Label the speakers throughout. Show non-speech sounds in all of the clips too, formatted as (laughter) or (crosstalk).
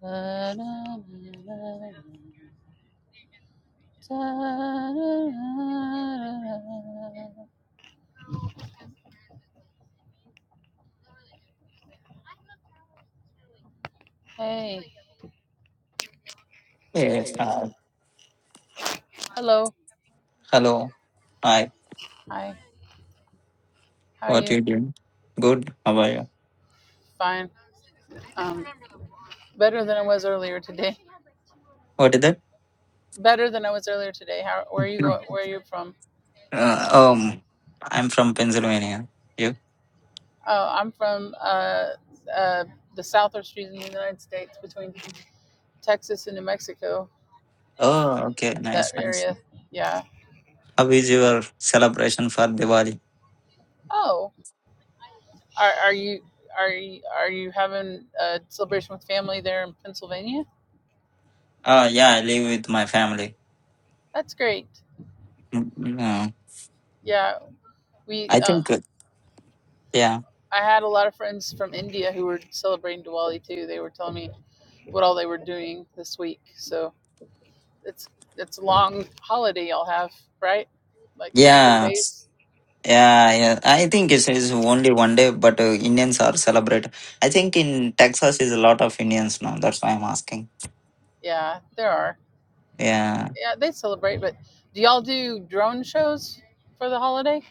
Speaker 1: Hey.
Speaker 2: Yes. Uh,
Speaker 1: Hello.
Speaker 2: hello. Hi.
Speaker 1: Hi. How are
Speaker 2: What
Speaker 1: you?
Speaker 2: you doing? Good. How are you?
Speaker 1: Fine. Um, better than I was earlier today.
Speaker 2: What is that?
Speaker 1: Better than I was earlier today. How? Where are you? Go, where are you from?
Speaker 2: Uh, um, I'm from Pennsylvania. You?
Speaker 1: Oh, I'm from uh, uh, the southwest region of the United States, between Texas and New Mexico.
Speaker 2: Oh, okay. Nice.
Speaker 1: That
Speaker 2: Nice.
Speaker 1: area. Yeah.
Speaker 2: How is your celebration for Diwali?
Speaker 1: Oh. Are Are you? Are you, are you having a celebration with family there in Pennsylvania?
Speaker 2: Oh, yeah. I live with my family.
Speaker 1: That's great.
Speaker 2: Mm, yeah.
Speaker 1: Yeah, we.
Speaker 2: I
Speaker 1: Um,
Speaker 2: think. uh, Yeah.
Speaker 1: I had a lot of friends from India who were celebrating Diwali too. They were telling me what all they were doing this week. So it's it's a long holiday y'all have, right? Like four
Speaker 2: Yeah.
Speaker 1: days.
Speaker 2: Yeah, yeah. I think it's, it's only one day, but uh, Indians are celebrate. I think in Texas is a lot of Indians now. That's why I'm asking.
Speaker 1: Yeah, there are.
Speaker 2: Yeah.
Speaker 1: Yeah, they celebrate, but do y'all do drone shows for the holiday?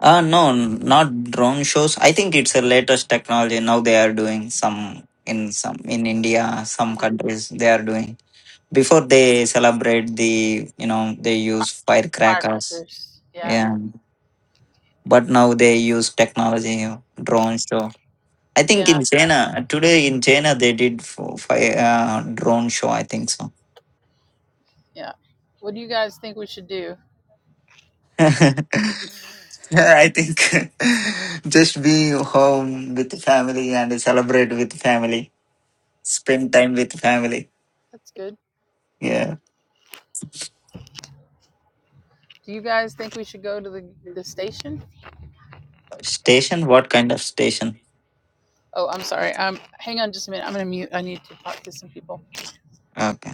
Speaker 2: Uh, no, not drone shows. I think it's the latest technology. Now they are doing some in some in India, some
Speaker 1: hmm
Speaker 2: countries they are doing. Before they celebrate the, you know, they use firecrackers.
Speaker 1: Firecrackers. Yeah,
Speaker 2: Yeah. But now they use technology, drone show. I think
Speaker 1: yeah,
Speaker 2: in China, today in China, they did for fire, uh, drone show. I think so.
Speaker 1: yeah. What do you guys think we should do?
Speaker 2: (laughs) Yeah, I think (laughs) just be home with family and celebrate with family. Spend time with family.
Speaker 1: That's good.
Speaker 2: Yeah.
Speaker 1: Do you guys think we should go to the, the station?
Speaker 2: Station? What kind of station?
Speaker 1: Oh, I'm sorry. Um, hang on just a minute. I'm gonna mute. I need to talk to some people.
Speaker 2: Okay.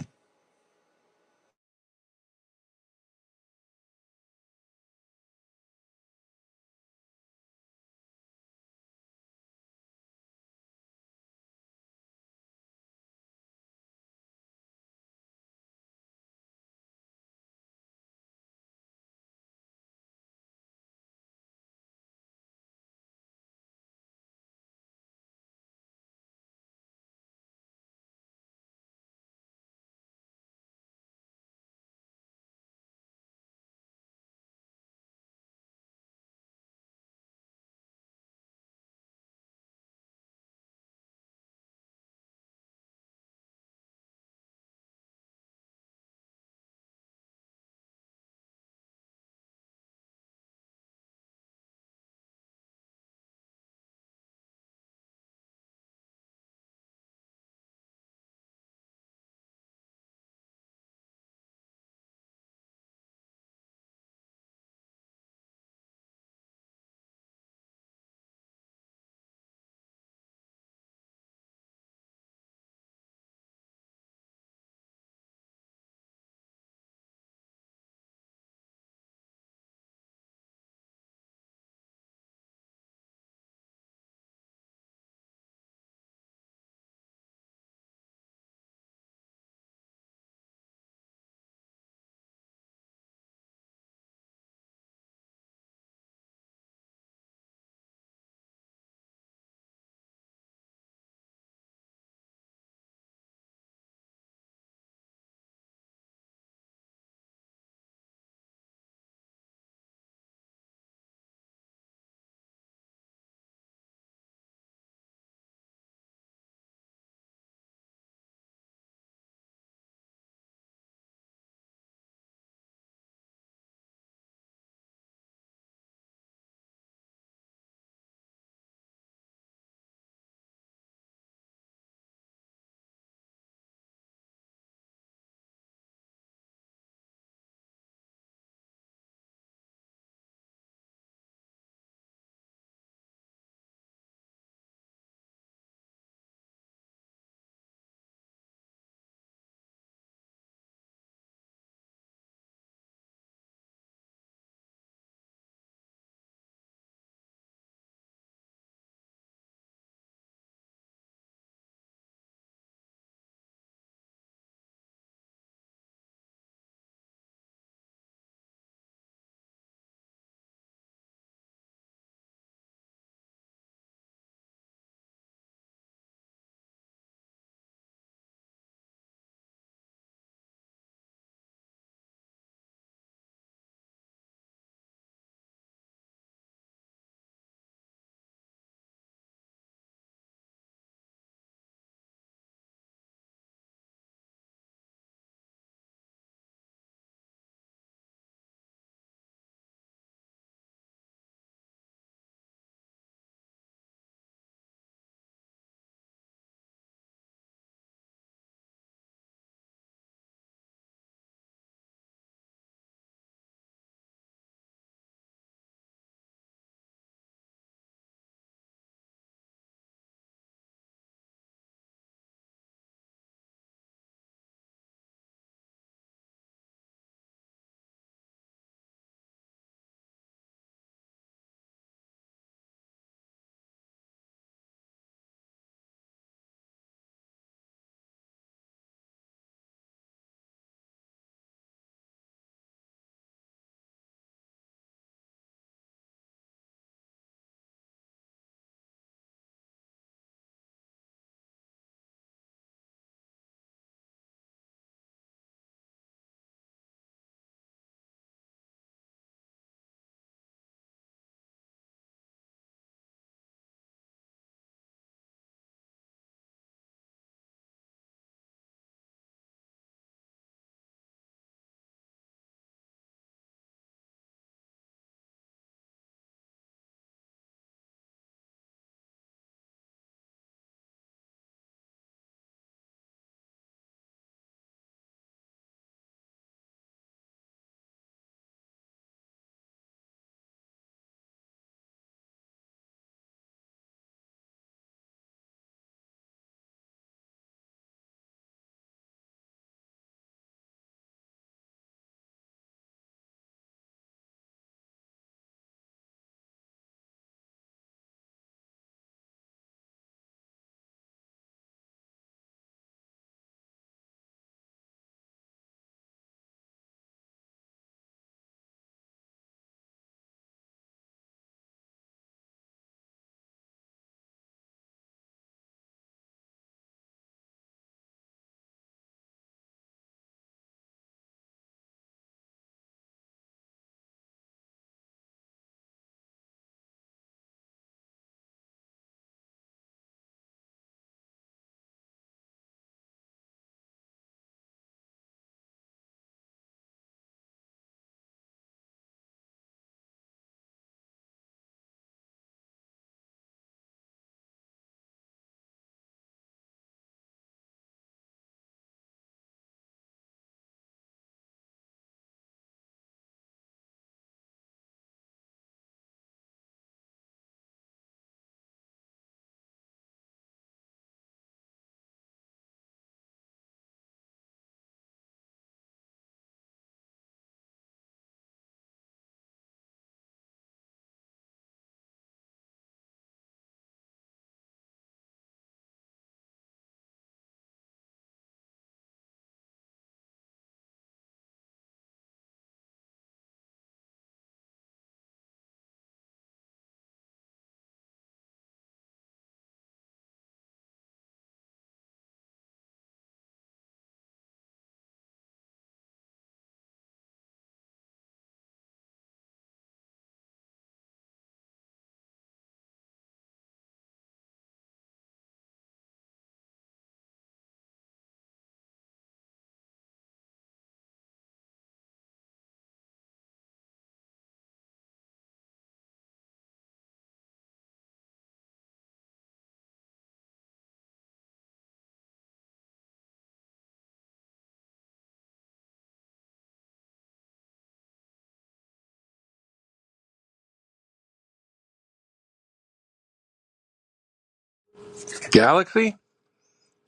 Speaker 3: Galaxy?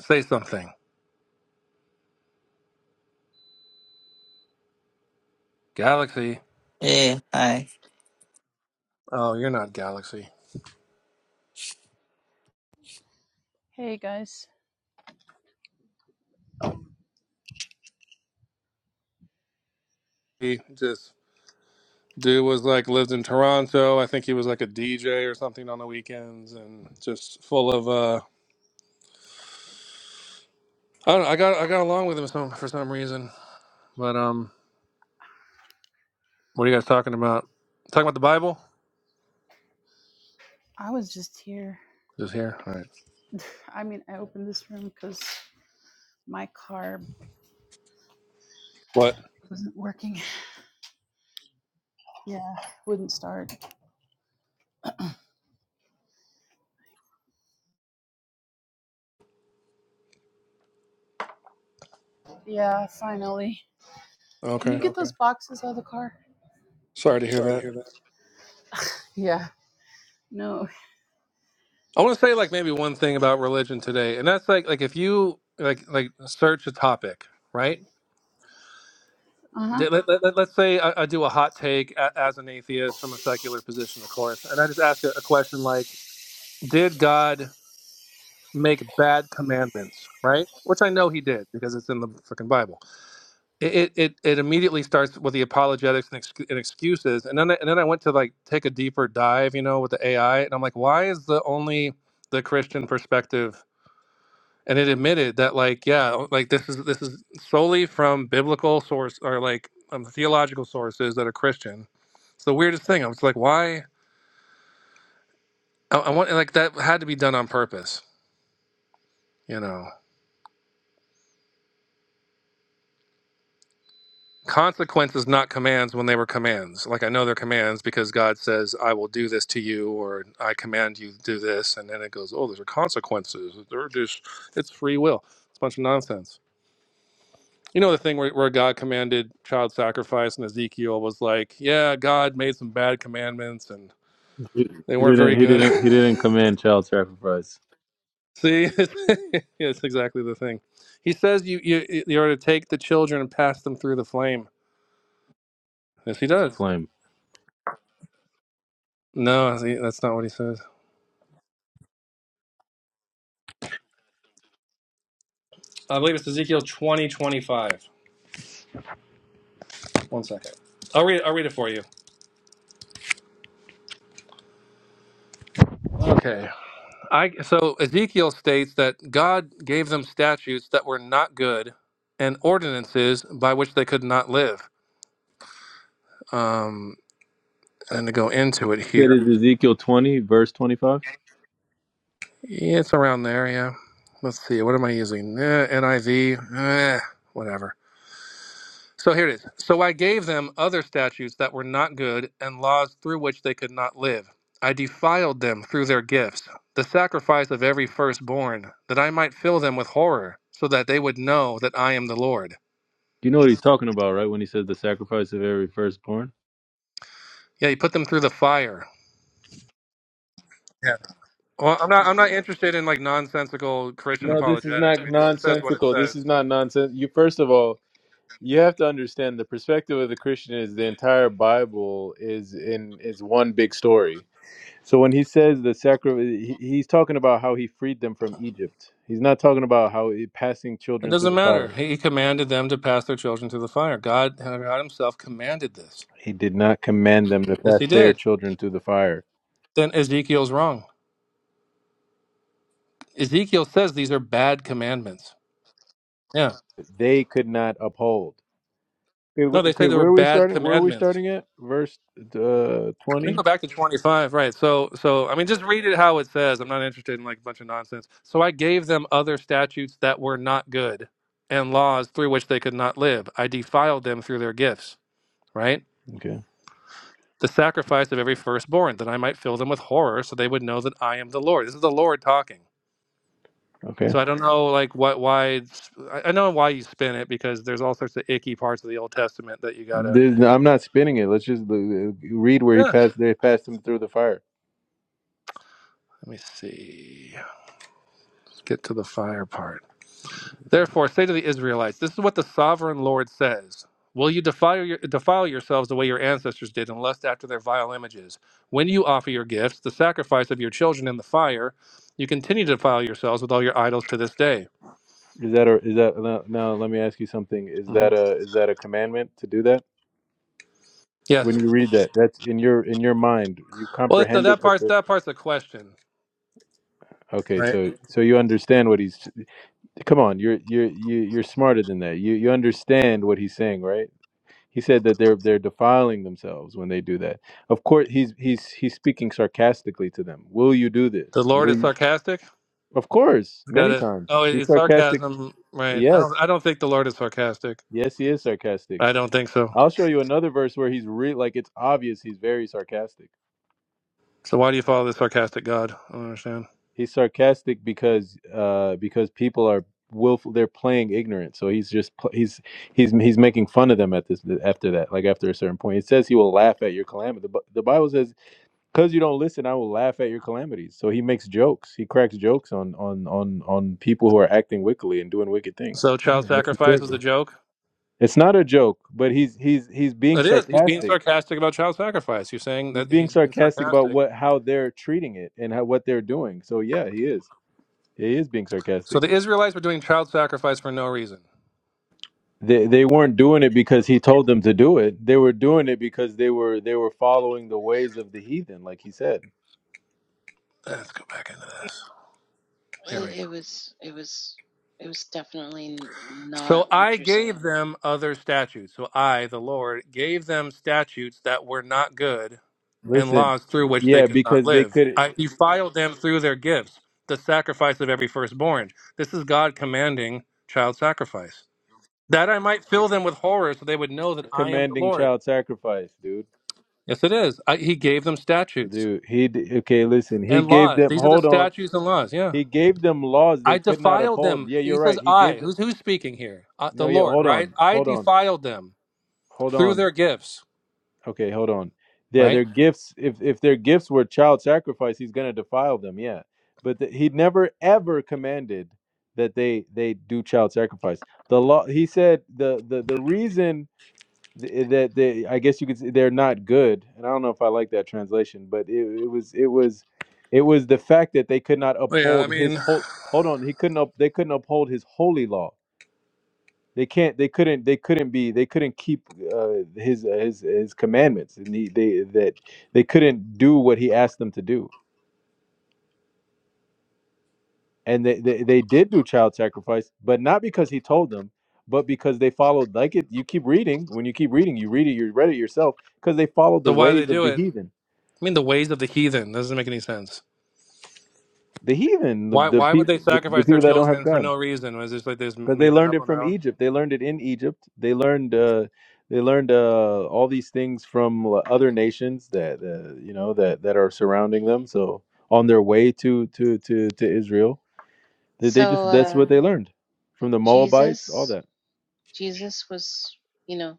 Speaker 3: Say something. Galaxy.
Speaker 2: Hey, hi.
Speaker 3: Oh, you're not Galaxy.
Speaker 1: Hey guys,
Speaker 3: He just dude was like lived in Toronto. I think he was like a DJ or something on the weekends and just full of uh I don't know, I got I got along with him some for some reason. But um what are you guys talking about? Talking about the Bible?
Speaker 1: I was just here.
Speaker 3: Just here. All right.
Speaker 1: I mean, I opened this room because my car
Speaker 3: What?
Speaker 1: wasn't working. (laughs) Yeah, wouldn't start. Yeah, finally. Can you
Speaker 3: Okay.
Speaker 1: get Okay. those boxes out of the car?
Speaker 3: Sorry to hear
Speaker 1: Sorry to
Speaker 3: that.
Speaker 1: hear that. Yeah. No.
Speaker 3: I want to say like maybe one thing about religion today. And that's like like if you like like search a topic, right?
Speaker 1: Uh huh.
Speaker 3: d- let, let, us say I, I do a hot take a, as an atheist from a secular position, of course, and I just ask a, a question like, did God make bad commandments, right? Which I know he did because it's in the freaking Bible. It, it, it, it immediately starts with the apologetics and, excu- and excuses. And then, I, and then I went to like take a deeper dive, you know, with the AI. And I'm like, why is the only the Christian perspective and it admitted that like yeah like this is this is solely from biblical source or like um, theological sources that are christian it's the weirdest thing i was like why I, I want like that had to be done on purpose you know consequences not commands when they were commands like i know they're commands because god says i will do this to you or i command you to do this and then it goes oh those are consequences they're just it's free will it's a bunch of nonsense You know the thing where, where God commanded child sacrifice, and Ezekiel was like, "Yeah, God made some bad commandments, and
Speaker 4: He
Speaker 3: they
Speaker 4: he
Speaker 3: weren't
Speaker 4: didn't.
Speaker 3: very
Speaker 4: He
Speaker 3: good."
Speaker 4: didn't. He didn't command child sacrifice.
Speaker 3: (laughs) See, (laughs) yeah, it's exactly the thing. He says you you you are to take the children and pass them through the flame. Yes, he does.
Speaker 4: Flame.
Speaker 3: No, see, that's not what he says. I believe it's Ezekiel twenty twenty five. One second. I'll read. I'll read it for you. Okay. I so Ezekiel states that God gave them statutes that were not good and ordinances by which they could not live. Um, and to go into it
Speaker 4: That
Speaker 3: here,
Speaker 4: is Ezekiel twenty, verse twenty-five.
Speaker 3: yeah, it's around there. Yeah. Let's see. What am I using? Eh, NIV. Eh, whatever. So here it is. So I gave them other statutes that were not good and laws through which they could not live. I defiled them through their gifts, the sacrifice of every firstborn, that I might fill them with horror, so that they would know that I am the Lord.
Speaker 4: You know what he's talking about, right? When he says the sacrifice of every firstborn.
Speaker 3: Yeah, you put them through the fire. Yeah. Well, I'm not. I'm not interested in like nonsensical Christian
Speaker 4: No, this is
Speaker 3: apologetics. I
Speaker 4: not
Speaker 3: mean, it, it says what it
Speaker 4: nonsensical.
Speaker 3: says.
Speaker 4: This is not nonsense. You first of all, you have to understand the perspective of the Christian is the entire Bible is in is one big story. So when he says the sacrifice, he's talking about how he freed them from Egypt. He's not talking about how he, passing
Speaker 3: It
Speaker 4: children through
Speaker 3: doesn't
Speaker 4: the
Speaker 3: matter.
Speaker 4: fire.
Speaker 3: He commanded them to pass their children through the fire. God, God Himself commanded this.
Speaker 4: He did not command them to
Speaker 3: Yes,
Speaker 4: pass
Speaker 3: He
Speaker 4: their
Speaker 3: did.
Speaker 4: children through the fire.
Speaker 3: Then Ezekiel's wrong. Ezekiel says these are bad commandments. Yeah.
Speaker 4: They could not uphold. Okay,
Speaker 3: No,
Speaker 4: wh-
Speaker 3: they say
Speaker 4: okay,
Speaker 3: they were
Speaker 4: where are we
Speaker 3: bad
Speaker 4: starting? Where are we
Speaker 3: commandments.
Speaker 4: starting at? Verse uh
Speaker 3: We can
Speaker 4: twenty.
Speaker 3: go back to 25, right? So, so I mean, just read it how it says. I'm not interested in like a bunch of nonsense. So I gave them other statutes that were not good, and laws through which they could not live. I defiled them through their gifts. Right?
Speaker 4: Okay,
Speaker 3: the sacrifice of every firstborn, that I might fill them with horror, so they would know that I am the Lord. This is the Lord talking.
Speaker 4: okay.
Speaker 3: So I don't know, like, what, why, it's- I I know why you spin it because there's all sorts of icky parts of the Old Testament that you gotta.
Speaker 4: This, I'm not spinning it. Let's just uh, read where he
Speaker 3: Yeah.
Speaker 4: passed. They passed him through the fire.
Speaker 3: Let me see. Let's get to the fire part. Therefore, say to the Israelites, this is what the sovereign Lord says. Will you defile, your, defile yourselves the way your ancestors did and lust after their vile images? When you offer your gifts, the sacrifice of your children in the fire, you continue to defile yourselves with all your idols to this day.
Speaker 4: Is that a? Is that now? now Let me ask you something. Is
Speaker 3: Mm-hmm.
Speaker 4: that a? Is that a commandment to do that? When
Speaker 3: Yes.
Speaker 4: you read that, that's in your in your mind. You
Speaker 3: Well, it's the,
Speaker 4: comprehended
Speaker 3: that
Speaker 4: that.
Speaker 3: part's
Speaker 4: The,
Speaker 3: that part's the question,
Speaker 4: okay,
Speaker 3: right?
Speaker 4: so so you understand what he's Come on, you're you're you- you're smarter than that. You you understand what he's saying, right? He said that they're they're defiling themselves when they do that. Of course, he's he's he's speaking sarcastically to them. Will you do
Speaker 3: The
Speaker 4: this?
Speaker 3: Lord
Speaker 4: Will
Speaker 3: is
Speaker 4: you?
Speaker 3: sarcastic. He's
Speaker 4: Of course,
Speaker 3: got
Speaker 4: many
Speaker 3: it. Oh,
Speaker 4: times.
Speaker 3: it-
Speaker 4: He's
Speaker 3: it's
Speaker 4: sarcastic.
Speaker 3: sarcasm, right? I don't.
Speaker 4: Yes.
Speaker 3: I don't think the Lord is sarcastic.
Speaker 4: Yes, he is sarcastic.
Speaker 3: I don't think so.
Speaker 4: I'll show you another verse where he's re like it's obvious he's very sarcastic.
Speaker 3: So why do you follow this sarcastic God? I don't understand.
Speaker 4: He's sarcastic because uh because people are willful they're playing ignorant. So he's just pl- he's he's he's making fun of them at this after that like after a certain point. It says he will laugh at your calamity. The, Bi- the Bible says cuz you don't listen I will laugh at your calamities. So he makes jokes. He cracks jokes on on on on people who are acting wickedly and doing wicked things.
Speaker 3: So child
Speaker 4: Sure, that's his
Speaker 3: sacrifice is a
Speaker 4: character.
Speaker 3: joke.
Speaker 4: It's not a joke, but he's he's he's being
Speaker 3: It is. He's being
Speaker 4: sarcastic.
Speaker 3: sarcastic about child sacrifice. You're saying
Speaker 4: He's
Speaker 3: that
Speaker 4: being
Speaker 3: he's being
Speaker 4: sarcastic about
Speaker 3: sarcastic.
Speaker 4: what how they're treating it and how what they're doing. So yeah, he is. He is being
Speaker 3: So
Speaker 4: sarcastic.
Speaker 3: the Israelites were doing child sacrifice for no reason.
Speaker 4: they they weren't doing it because he told them to do it. They were doing it because they were they were following the ways of the heathen, like he said.
Speaker 3: Let's go back into this. Here we
Speaker 5: It,
Speaker 3: go.
Speaker 5: it was it was it was definitely n- not
Speaker 3: So I
Speaker 5: what you're saying.
Speaker 3: gave them other statutes. So I, the Lord, gave them statutes that were not good and
Speaker 4: Listen,
Speaker 3: laws through which they
Speaker 4: yeah,
Speaker 3: could not
Speaker 4: because they
Speaker 3: live.
Speaker 4: could
Speaker 3: I defiled them through their gifts, the sacrifice of every firstborn. This is God commanding child sacrifice. That I might fill them with horror so they would know that I am the
Speaker 4: commanding
Speaker 3: Lord.
Speaker 4: child sacrifice, dude.
Speaker 3: Yes, it is. I, he gave them statutes
Speaker 4: Dude, he d- okay. Listen, he
Speaker 3: and
Speaker 4: gave
Speaker 3: laws.
Speaker 4: them.
Speaker 3: These are the
Speaker 4: Hold on,
Speaker 3: statutes and laws. Yeah.
Speaker 4: he gave them laws
Speaker 3: I
Speaker 4: they could not
Speaker 3: defiled
Speaker 4: uphold.
Speaker 3: them.
Speaker 4: Yeah,
Speaker 3: He
Speaker 4: you're
Speaker 3: says,
Speaker 4: right. He gave
Speaker 3: I.
Speaker 4: them.
Speaker 3: Who's, who's speaking here? Uh, the
Speaker 4: No, yeah.
Speaker 3: Lord,
Speaker 4: Hold
Speaker 3: right?
Speaker 4: on,
Speaker 3: I
Speaker 4: hold on,
Speaker 3: defiled them
Speaker 4: hold
Speaker 3: through
Speaker 4: on.
Speaker 3: their gifts,
Speaker 4: Okay, hold on. Yeah,
Speaker 3: right?
Speaker 4: their gifts. If if their gifts were child sacrifice, he's gonna defile them. Yeah, but the, he never ever commanded that they they do child sacrifice. The law. He said the the the reason th- eh, that they I guess you could say they're not good. And I don't know if I like that translation, but it, it was it was it was the fact that they could not
Speaker 3: Well, yeah, I
Speaker 4: uphold his
Speaker 3: mean,
Speaker 4: whole. Hold on, he couldn't up. They couldn't uphold his holy law they can't. They couldn't. They couldn't be. They couldn't keep uh, his uh, his his commandments, and he, they that they couldn't do what he asked them to do. And they, they they did do child sacrifice, but not because he told them, but because they followed. Like it, you keep reading. When you keep reading, you read it. You read it yourself because they followed the
Speaker 3: so why do they
Speaker 4: ways of
Speaker 3: do
Speaker 4: the
Speaker 3: it?
Speaker 4: heathen,
Speaker 3: I mean, the ways of the heathen. doesn't make any sense.
Speaker 4: the heathen, the,
Speaker 3: Why
Speaker 4: the
Speaker 3: why would they
Speaker 4: people, the, the
Speaker 3: sacrifice their
Speaker 4: people that don't have
Speaker 3: children for
Speaker 4: God.
Speaker 3: no reason? Was this like they just
Speaker 4: because they
Speaker 3: made that
Speaker 4: learned
Speaker 3: up
Speaker 4: it
Speaker 3: on their
Speaker 4: from
Speaker 3: own?
Speaker 4: Egypt. They learned it in Egypt. They learned uh, they learned uh, all these things from l- other nations that uh, you know that that are surrounding them. So on their way to to to to Israel, they, they
Speaker 5: So
Speaker 4: just that's
Speaker 5: uh,
Speaker 4: what they learned from the Moabites, all
Speaker 5: Jesus,
Speaker 4: that.
Speaker 5: Jesus was, you know,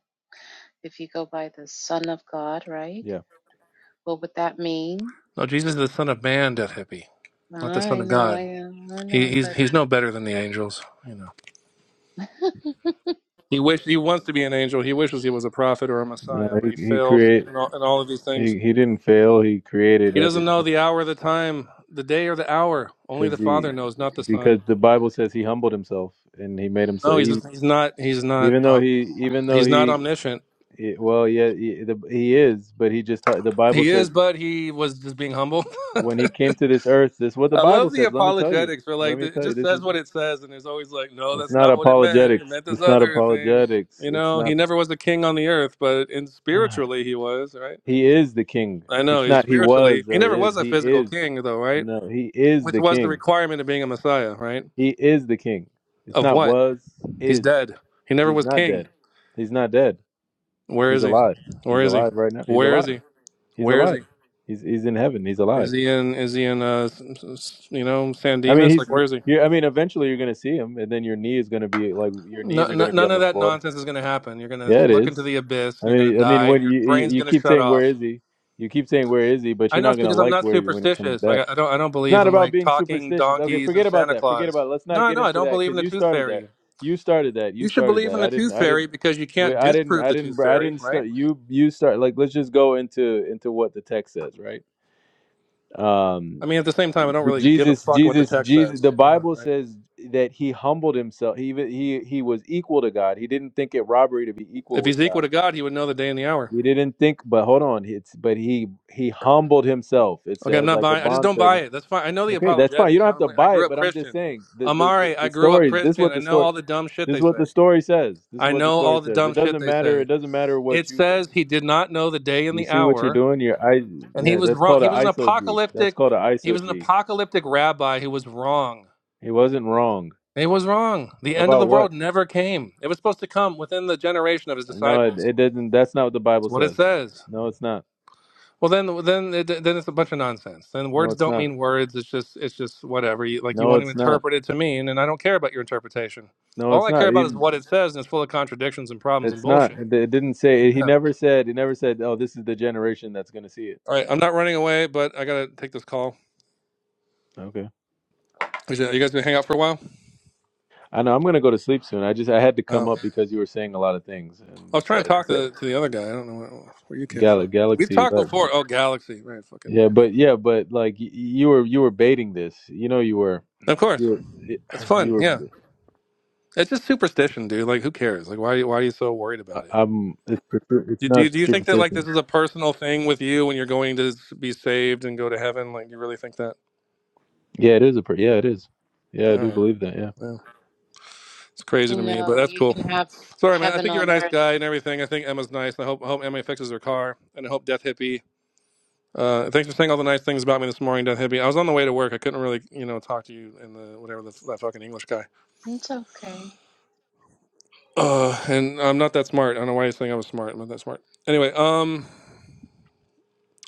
Speaker 5: if you go by the Son of God, right?
Speaker 4: Yeah,
Speaker 5: What would that mean?
Speaker 3: No, Jesus is the son of man, death hippie, not the son
Speaker 5: I
Speaker 3: of
Speaker 5: know,
Speaker 3: God.
Speaker 5: I know, I
Speaker 3: He,
Speaker 5: know,
Speaker 3: he's
Speaker 5: but
Speaker 3: he's no better than the angels, you know. He wished he wants to be an angel. He wishes he was a prophet or a
Speaker 4: no,
Speaker 3: messiah, but he
Speaker 4: he, he
Speaker 3: failed
Speaker 4: create
Speaker 3: in all in all of these things.
Speaker 4: he he didn't fail. He created
Speaker 3: He doesn't know
Speaker 4: everything
Speaker 3: the hour, the time, the day, or the hour. Only the
Speaker 4: because he
Speaker 3: Father knows, not the
Speaker 4: because
Speaker 3: Son.
Speaker 4: the Bible says he humbled himself and he made himself
Speaker 3: No, he's
Speaker 4: he,
Speaker 3: he's not he's not
Speaker 4: even
Speaker 3: uh,
Speaker 4: though he even though
Speaker 3: he's not
Speaker 4: he
Speaker 3: omniscient.
Speaker 4: He- well, yeah, he, the, he is, but he just the Bible
Speaker 3: He
Speaker 4: says
Speaker 3: is, but he was just being humble. (laughs)
Speaker 4: when he came to this earth, this is what the
Speaker 3: I
Speaker 4: Bible
Speaker 3: love the
Speaker 4: says. Let me tell you.
Speaker 3: apologetics for
Speaker 4: Let
Speaker 3: like
Speaker 4: me
Speaker 3: it
Speaker 4: tell you.
Speaker 3: just
Speaker 4: This
Speaker 3: says
Speaker 4: is
Speaker 3: what it says, and it's always like, no,
Speaker 4: it's
Speaker 3: that's
Speaker 4: not
Speaker 3: not what it meant. It
Speaker 4: apologetics.
Speaker 3: meant this
Speaker 4: It's not
Speaker 3: other thing.
Speaker 4: apologetics.
Speaker 3: You
Speaker 4: It's
Speaker 3: know, he
Speaker 4: not.
Speaker 3: never was a king on the earth, but in
Speaker 4: (sighs)
Speaker 3: spiritually he was, right?
Speaker 4: he is the king.
Speaker 3: I know
Speaker 4: It's
Speaker 3: he's
Speaker 4: not he
Speaker 3: spiritually.
Speaker 4: was
Speaker 3: He
Speaker 4: or
Speaker 3: never
Speaker 4: is.
Speaker 3: was a
Speaker 4: He
Speaker 3: physical
Speaker 4: is.
Speaker 3: king, though, right?
Speaker 4: No, he is
Speaker 3: Which
Speaker 4: the
Speaker 3: was the
Speaker 4: king.
Speaker 3: requirement of being a messiah, right?
Speaker 4: He is the king. It's
Speaker 3: Of
Speaker 4: not
Speaker 3: what?
Speaker 4: was
Speaker 3: He's
Speaker 4: is.
Speaker 3: dead. He never
Speaker 4: He's
Speaker 3: was
Speaker 4: not
Speaker 3: king.
Speaker 4: dead. He's not dead.
Speaker 3: Where
Speaker 4: He's
Speaker 3: is he?
Speaker 4: alive.
Speaker 3: Where
Speaker 4: He's
Speaker 3: is he?
Speaker 4: alive right now. He's
Speaker 3: Where is
Speaker 4: alive.
Speaker 3: he?
Speaker 4: He's
Speaker 3: Where is he?
Speaker 4: alive. He's he's in heaven. He's alive.
Speaker 3: Is he in? Is he in? Uh, s- s- you know, San
Speaker 4: I mean,
Speaker 3: Dimas?
Speaker 4: he's.
Speaker 3: Like, where is he?
Speaker 4: you I mean, eventually you're gonna see him, and then your knee is gonna be like your
Speaker 3: No,
Speaker 4: knees are
Speaker 3: no,
Speaker 4: gonna be
Speaker 3: none
Speaker 4: on
Speaker 3: of
Speaker 4: the
Speaker 3: that
Speaker 4: floor.
Speaker 3: nonsense is going to happen. You're going to
Speaker 4: Yeah, it
Speaker 3: look
Speaker 4: is.
Speaker 3: into the abyss, and
Speaker 4: I
Speaker 3: you're going to
Speaker 4: mean, I mean,
Speaker 3: die, and
Speaker 4: when
Speaker 3: your
Speaker 4: you you,
Speaker 3: brain's
Speaker 4: you
Speaker 3: going to
Speaker 4: keep
Speaker 3: shut
Speaker 4: saying where
Speaker 3: off.
Speaker 4: is he, you keep saying where is he, but
Speaker 3: I
Speaker 4: you're
Speaker 3: know
Speaker 4: not
Speaker 3: it's
Speaker 4: gonna
Speaker 3: because I'm
Speaker 4: like
Speaker 3: not
Speaker 4: where he when he comes
Speaker 3: superstitious.
Speaker 4: back.
Speaker 3: Like I I
Speaker 4: It's
Speaker 3: don't, I don't believe
Speaker 4: not
Speaker 3: in
Speaker 4: about
Speaker 3: like
Speaker 4: being
Speaker 3: talking
Speaker 4: superstitious. Okay,
Speaker 3: donkeys and
Speaker 4: forget about
Speaker 3: Santa
Speaker 4: that. Forget
Speaker 3: Claus.
Speaker 4: about. It. Let's
Speaker 3: No,
Speaker 4: not
Speaker 3: I
Speaker 4: get
Speaker 3: know I
Speaker 4: into
Speaker 3: don't
Speaker 4: that
Speaker 3: believe in
Speaker 4: because
Speaker 3: the
Speaker 4: you
Speaker 3: tooth
Speaker 4: started that.
Speaker 3: fairy.
Speaker 4: You started that. You
Speaker 3: You should
Speaker 4: started
Speaker 3: believe
Speaker 4: that.
Speaker 3: in the
Speaker 4: I didn't.
Speaker 3: tooth
Speaker 4: I
Speaker 3: fairy
Speaker 4: didn't.
Speaker 3: because you
Speaker 4: we-
Speaker 3: can't
Speaker 4: I didn't.
Speaker 3: disprove
Speaker 4: I
Speaker 3: the tooth
Speaker 4: didn't. I
Speaker 3: fairy,
Speaker 4: didn't
Speaker 3: right?
Speaker 4: start. You. You start. Like, let's just go into into what the text says, right?
Speaker 3: I
Speaker 4: Um.
Speaker 3: mean, at the same time, I don't
Speaker 4: The
Speaker 3: really give a
Speaker 4: Jesus,
Speaker 3: fuck what the
Speaker 4: Jesus,
Speaker 3: text
Speaker 4: Jesus.
Speaker 3: says.
Speaker 4: The
Speaker 3: You know,
Speaker 4: Bible
Speaker 3: right?
Speaker 4: says that he humbled himself. He even- he he was equal to God. He didn't think it robbery to be equal
Speaker 3: If
Speaker 4: with
Speaker 3: he's equal
Speaker 4: God.
Speaker 3: to God, he would know the day and the hour.
Speaker 4: He didn't think. But hold on, it's but he he humbled himself. It
Speaker 3: Okay, I'm
Speaker 4: says
Speaker 3: not
Speaker 4: like a
Speaker 3: buying. I just don't buy
Speaker 4: bondservant.
Speaker 3: it. That's fine. I know the
Speaker 4: Okay, that's fine. You
Speaker 3: apologetic.
Speaker 4: don't have
Speaker 3: I'm
Speaker 4: to
Speaker 3: like, I
Speaker 4: buy
Speaker 3: grew
Speaker 4: it.
Speaker 3: up
Speaker 4: But I'm just
Speaker 3: Christian.
Speaker 4: saying the the the,
Speaker 3: Amare, I
Speaker 4: the
Speaker 3: grew up
Speaker 4: stories. This is
Speaker 3: Christian.
Speaker 4: what
Speaker 3: I
Speaker 4: the
Speaker 3: know
Speaker 4: story.
Speaker 3: all the dumb shit
Speaker 4: This
Speaker 3: they
Speaker 4: is what
Speaker 3: say.
Speaker 4: the story says. This is
Speaker 3: I
Speaker 4: what the
Speaker 3: know
Speaker 4: story
Speaker 3: all the
Speaker 4: says.
Speaker 3: dumb
Speaker 4: It
Speaker 3: shit
Speaker 4: doesn't
Speaker 3: they
Speaker 4: matter. It
Speaker 3: say.
Speaker 4: doesn't matter what
Speaker 3: It
Speaker 4: you think.
Speaker 3: says he did not know the day and
Speaker 4: You
Speaker 3: the
Speaker 4: see what you're
Speaker 3: hour,
Speaker 4: doing. Your I
Speaker 3: and he
Speaker 4: yeah.
Speaker 3: was
Speaker 4: That's
Speaker 3: wrong.
Speaker 4: called
Speaker 3: He
Speaker 4: an
Speaker 3: was an
Speaker 4: isog. That's
Speaker 3: apocalyptic.
Speaker 4: called an
Speaker 3: He was
Speaker 4: isog.
Speaker 3: an apocalyptic rabbi who was wrong.
Speaker 4: He wasn't wrong
Speaker 3: He was wrong. The end of
Speaker 4: about
Speaker 3: the
Speaker 4: what.
Speaker 3: world never came. It was supposed to come within the generation of his
Speaker 4: No, it,
Speaker 3: disciples.
Speaker 4: it did not That's not what the
Speaker 3: That's
Speaker 4: Bible
Speaker 3: what it
Speaker 4: says.
Speaker 3: says.
Speaker 4: No, it's not.
Speaker 3: Well, then, then, it, then it's a bunch of nonsense. Then
Speaker 4: No,
Speaker 3: words
Speaker 4: it's
Speaker 3: don't
Speaker 4: not.
Speaker 3: mean words. It's just, it's just whatever. You, like you
Speaker 4: No,
Speaker 3: want to
Speaker 4: it's not.
Speaker 3: interpret it to mean, and I don't care about your interpretation.
Speaker 4: No,
Speaker 3: All
Speaker 4: it's
Speaker 3: I care
Speaker 4: not.
Speaker 3: about is
Speaker 4: Even
Speaker 3: what it says, and it's full of contradictions and problems and
Speaker 4: it's not.
Speaker 3: bullshit.
Speaker 4: It, it didn't say.
Speaker 3: Yeah.
Speaker 4: He never said. He never said. Oh, this is the generation that's going to see it.
Speaker 3: All right, I'm not running away, but I gotta take this call.
Speaker 4: Okay.
Speaker 3: Is it- You guys gonna hang out for a while?
Speaker 4: I know. I'm going to go to sleep soon. I just I had to come
Speaker 3: Oh,
Speaker 4: up because you were saying a lot of things, and
Speaker 3: I was trying to
Speaker 4: besides,
Speaker 3: talk to, to the other guy. I don't know where, where you came
Speaker 4: gal-
Speaker 3: from. We've
Speaker 4: galaxy.
Speaker 3: talked
Speaker 4: Like,
Speaker 3: before. Oh, Galaxy, right? Fucking,
Speaker 4: yeah, but yeah, but like y- you were you were baiting this. You know, you were
Speaker 3: of
Speaker 4: you
Speaker 3: course.
Speaker 4: were
Speaker 3: That's
Speaker 4: (sighs) (clears throat)
Speaker 3: fun.
Speaker 4: you were.
Speaker 3: Yeah, it's just superstition, dude. Like, who cares? Like, why? Why are you so worried
Speaker 4: I-
Speaker 3: about it?
Speaker 4: I'm. It's it's
Speaker 3: Do, do,
Speaker 4: not
Speaker 3: do you think that like this
Speaker 4: superstition.
Speaker 3: is a personal thing with you when you're going to be saved and go to heaven? Like, you really think that?
Speaker 4: Yeah, it is a. pr- Yeah, it is. Yeah,
Speaker 3: All
Speaker 4: I do
Speaker 3: right.
Speaker 4: believe that.
Speaker 3: Yeah. It's crazy
Speaker 5: you
Speaker 3: to me, but
Speaker 5: know,
Speaker 3: that's
Speaker 5: you
Speaker 3: cool.
Speaker 5: can have
Speaker 3: Sorry, man. I
Speaker 5: heaven
Speaker 3: think you're a
Speaker 5: on
Speaker 3: nice
Speaker 5: earth.
Speaker 3: guy and everything. I think Emma's nice. I hope I hope Emma fixes her car, and I hope Death Hippie Uh, thanks for saying all the nice things about me this morning, Death Hippie. I was on the way to work. I couldn't really, you know, talk to you in the whatever the, that fucking English guy.
Speaker 5: It's okay.
Speaker 3: Uh, and I'm not that smart. I don't know why you think I was smart. I'm not that smart. Anyway, um,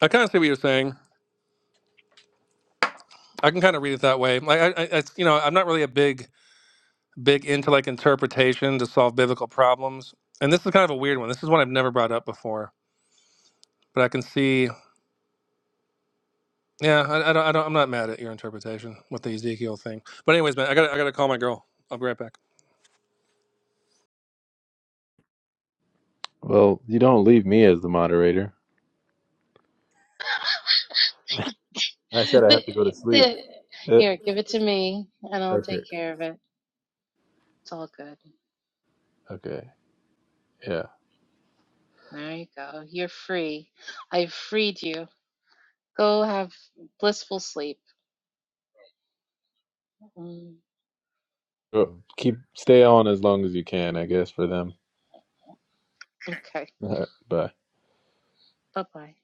Speaker 3: I kind of see what you're saying. I can kind of read it that way. Like, I, I, it's, you know, I'm not really a big, big into like interpretation to solve biblical problems. And this is kind of a weird one. This is one I've never brought up before. But I can see, yeah, I, I don't, I don't, I'm not mad at your interpretation with the Ezekiel thing. But anyways, man, I got, to I got to call my girl. I'll be right back.
Speaker 4: Well, you don't leave me as the moderator. I
Speaker 5: (laughs)
Speaker 4: said I
Speaker 5: The,
Speaker 4: have to go to sleep.
Speaker 5: the,
Speaker 4: Eh,
Speaker 5: here, give it to me, and I'll
Speaker 4: okay.
Speaker 5: take care of it. It's all good.
Speaker 4: Okay. Yeah.
Speaker 5: There you go. You're free. I freed you. Go have blissful sleep. Mm,
Speaker 4: Well, keep stay on as long as you can, I guess, for them.
Speaker 5: okay.
Speaker 4: All right. Bye.
Speaker 5: Bye bye.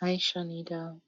Speaker 5: Hi, Shanita.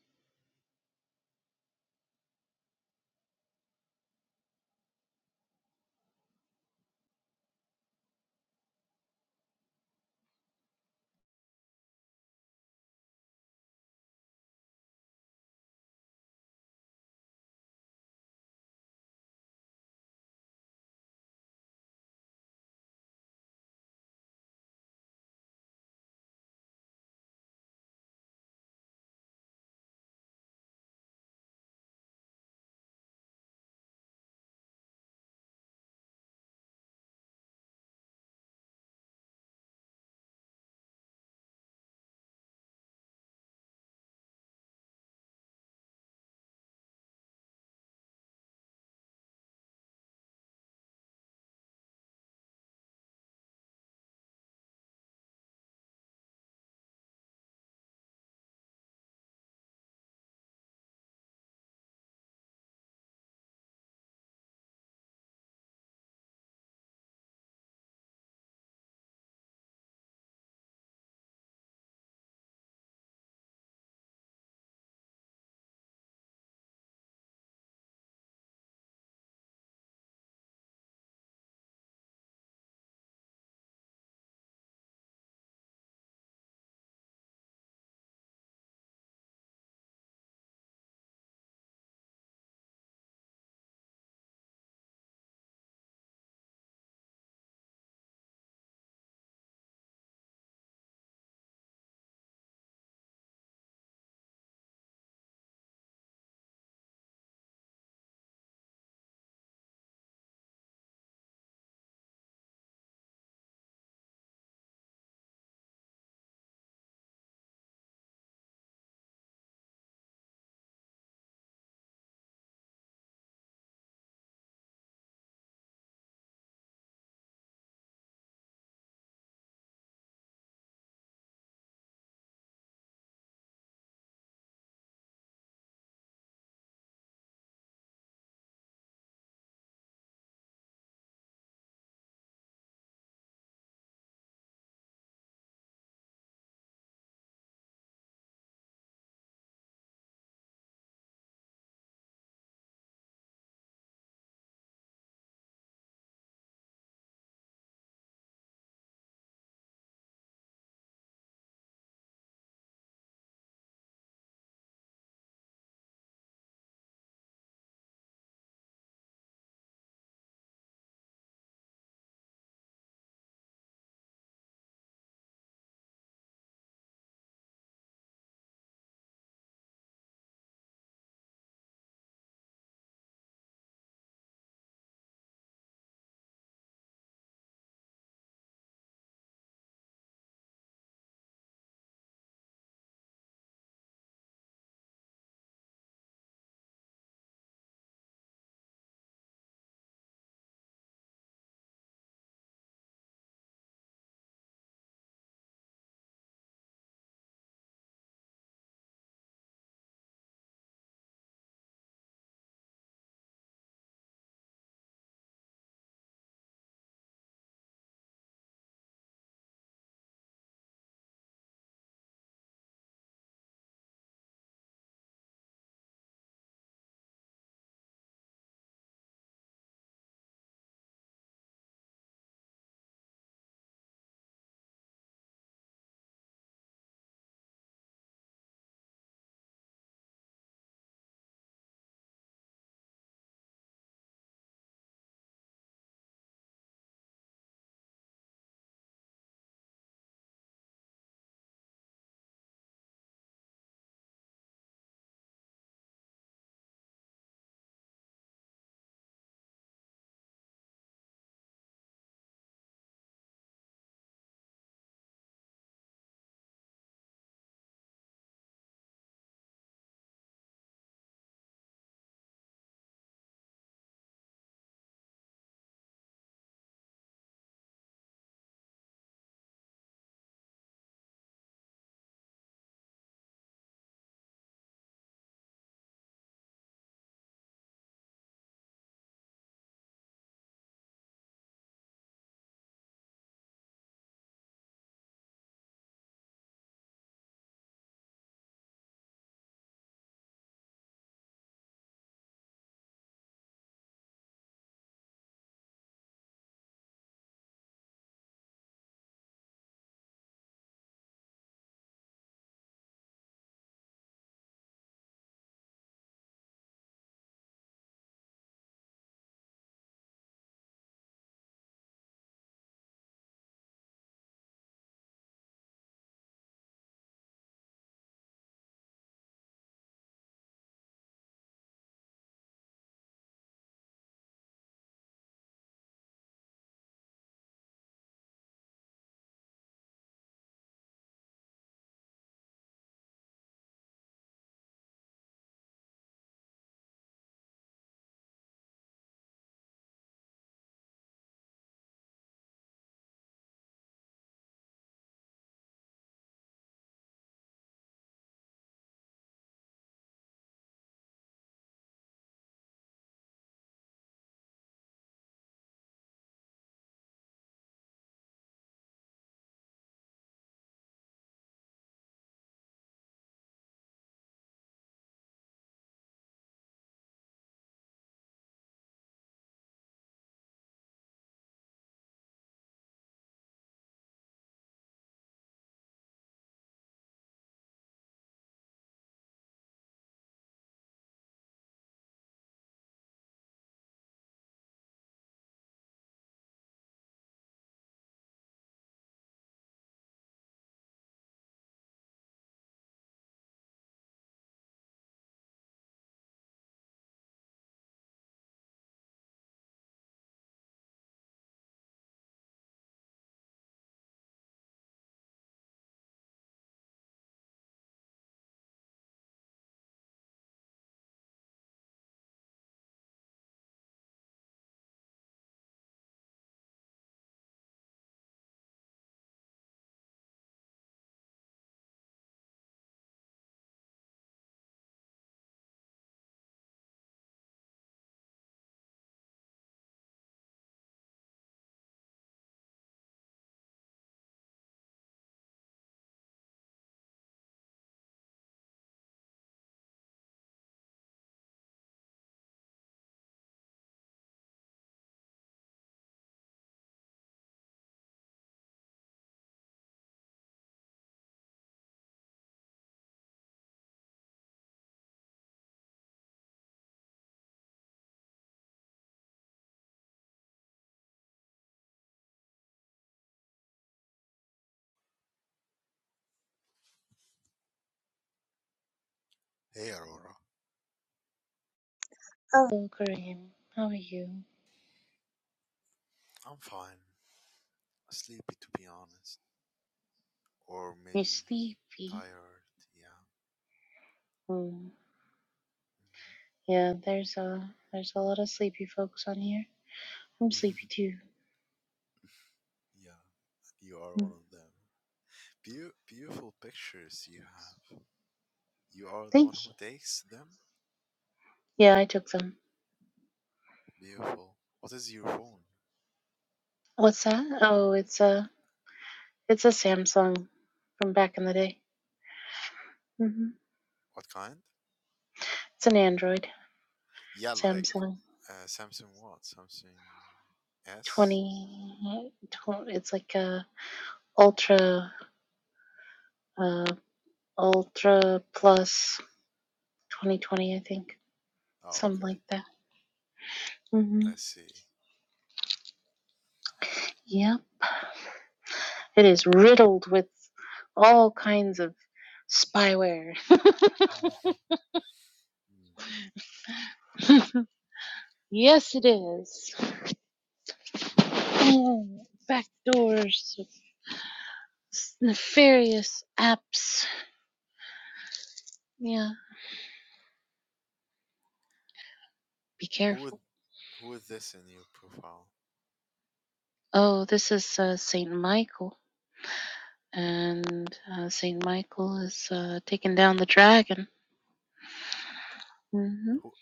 Speaker 6: Hey Aurora,
Speaker 5: Oh, Oh, Graham. How are you?
Speaker 6: I'm fine. Sleepy to be honest, or
Speaker 5: You
Speaker 6: maybe
Speaker 5: sleepy?
Speaker 6: tired. Yeah,
Speaker 5: Mm, yeah. There's a there's a lot of sleepy folks on here. I'm
Speaker 6: Mhm.
Speaker 5: sleepy
Speaker 6: (laughs)
Speaker 5: too.
Speaker 6: yeah. You are one
Speaker 5: Mm,
Speaker 6: of them. Beau- beautiful pictures you have. You are the
Speaker 5: thank
Speaker 6: one
Speaker 5: you.
Speaker 6: who takes them.
Speaker 5: Yeah, I took them.
Speaker 6: Beautiful. What is your phone?
Speaker 5: What's that? Oh, it's a it's a Samsung from back in the day. hmm
Speaker 6: What kind?
Speaker 5: It's an Android
Speaker 6: Yeah, like
Speaker 5: Samsung
Speaker 6: uh, Samsung what? Samsung
Speaker 5: 20,
Speaker 6: S.
Speaker 5: twenty, It's like a ultra uh, ultra plus 2020, I think,
Speaker 6: Oh,
Speaker 5: something
Speaker 6: okay.
Speaker 5: like that. hmm
Speaker 6: I see.
Speaker 5: Yeah, it is riddled with all kinds of spyware.
Speaker 6: Mhm. Mm,
Speaker 5: (laughs) yes, it is.
Speaker 6: mhm.
Speaker 5: Oh, back nefarious apps. Yeah, be
Speaker 6: Who would
Speaker 5: careful.
Speaker 6: who is this in your profile?
Speaker 5: Oh, this is uh, Saint Michael, and uh, Saint Michael is uh, taking down the dragon. hmm
Speaker 6: Who?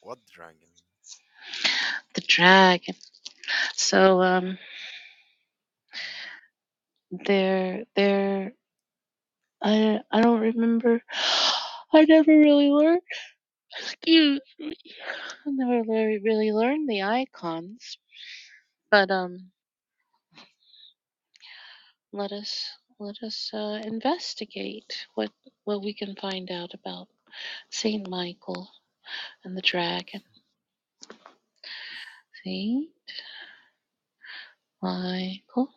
Speaker 6: What dragon?
Speaker 5: The dragon. So um,
Speaker 6: Mm.
Speaker 5: they're they're I I don't remember. (gasps) (sighs) I never really learned. Excuse. I never really, really learned the icons. But um, let us let us uh, investigate what what we can find out about Saint Michael and the dragon. See, Michael.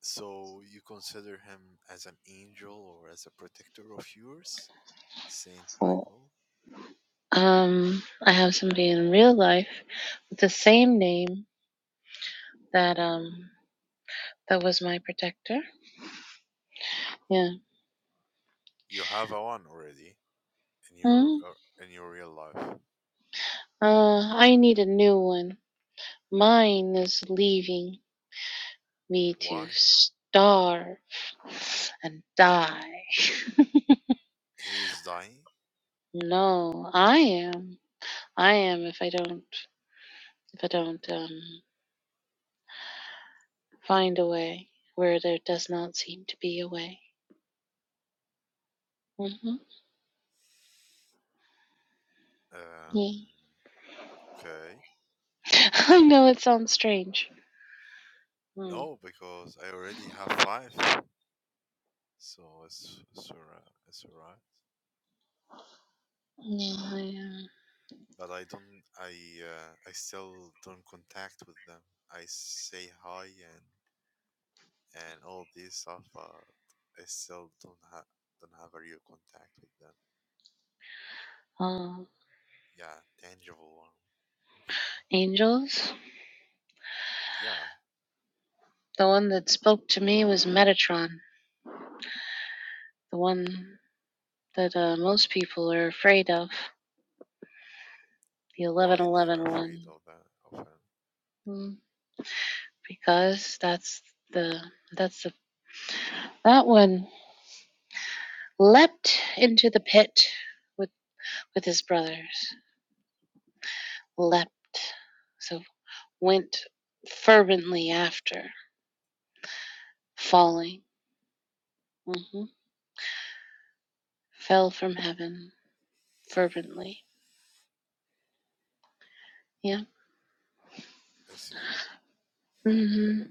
Speaker 6: So you consider him as an angel or as a protector of yours, Saint
Speaker 5: Well,
Speaker 6: Michael?
Speaker 5: um, I have somebody in real life with the same name that um that was my protector. Yeah.
Speaker 6: You have a one already in your
Speaker 5: Hmm.
Speaker 6: uh, in your real life.
Speaker 5: Uh, I need a new one. Mine is leaving me to
Speaker 6: Why?
Speaker 5: starve and die. (laughs)
Speaker 6: He is dying.
Speaker 5: No, I am. I am if I don't if I don't um find a way where there does not seem to be a way. hmm
Speaker 6: Um.
Speaker 5: Yeah.
Speaker 6: Okay.
Speaker 5: (laughs) I know it sounds strange. Mm.
Speaker 6: No, because I already have five, so it's it's alright. It's alright.
Speaker 5: Yeah, I,
Speaker 6: But I don't. I uh, I still don't contact with them. I say hi and and all this stuff. Uh, I still don't have don't have a real contact with them.
Speaker 5: uh, uh,
Speaker 6: Yeah, tangible one.
Speaker 5: angels.
Speaker 6: Yeah,
Speaker 5: The one that spoke to me was Metatron, the one that uh, most people are afraid of, the eleven,
Speaker 6: why they
Speaker 5: eleven
Speaker 6: are
Speaker 5: one.
Speaker 6: afraid of that? Of him?
Speaker 5: Mm, because that's the that's the that one leapt into the pit with with his brothers leapt so went fervently after falling hmm fell from heaven fervently yeah
Speaker 6: I see.
Speaker 5: hmm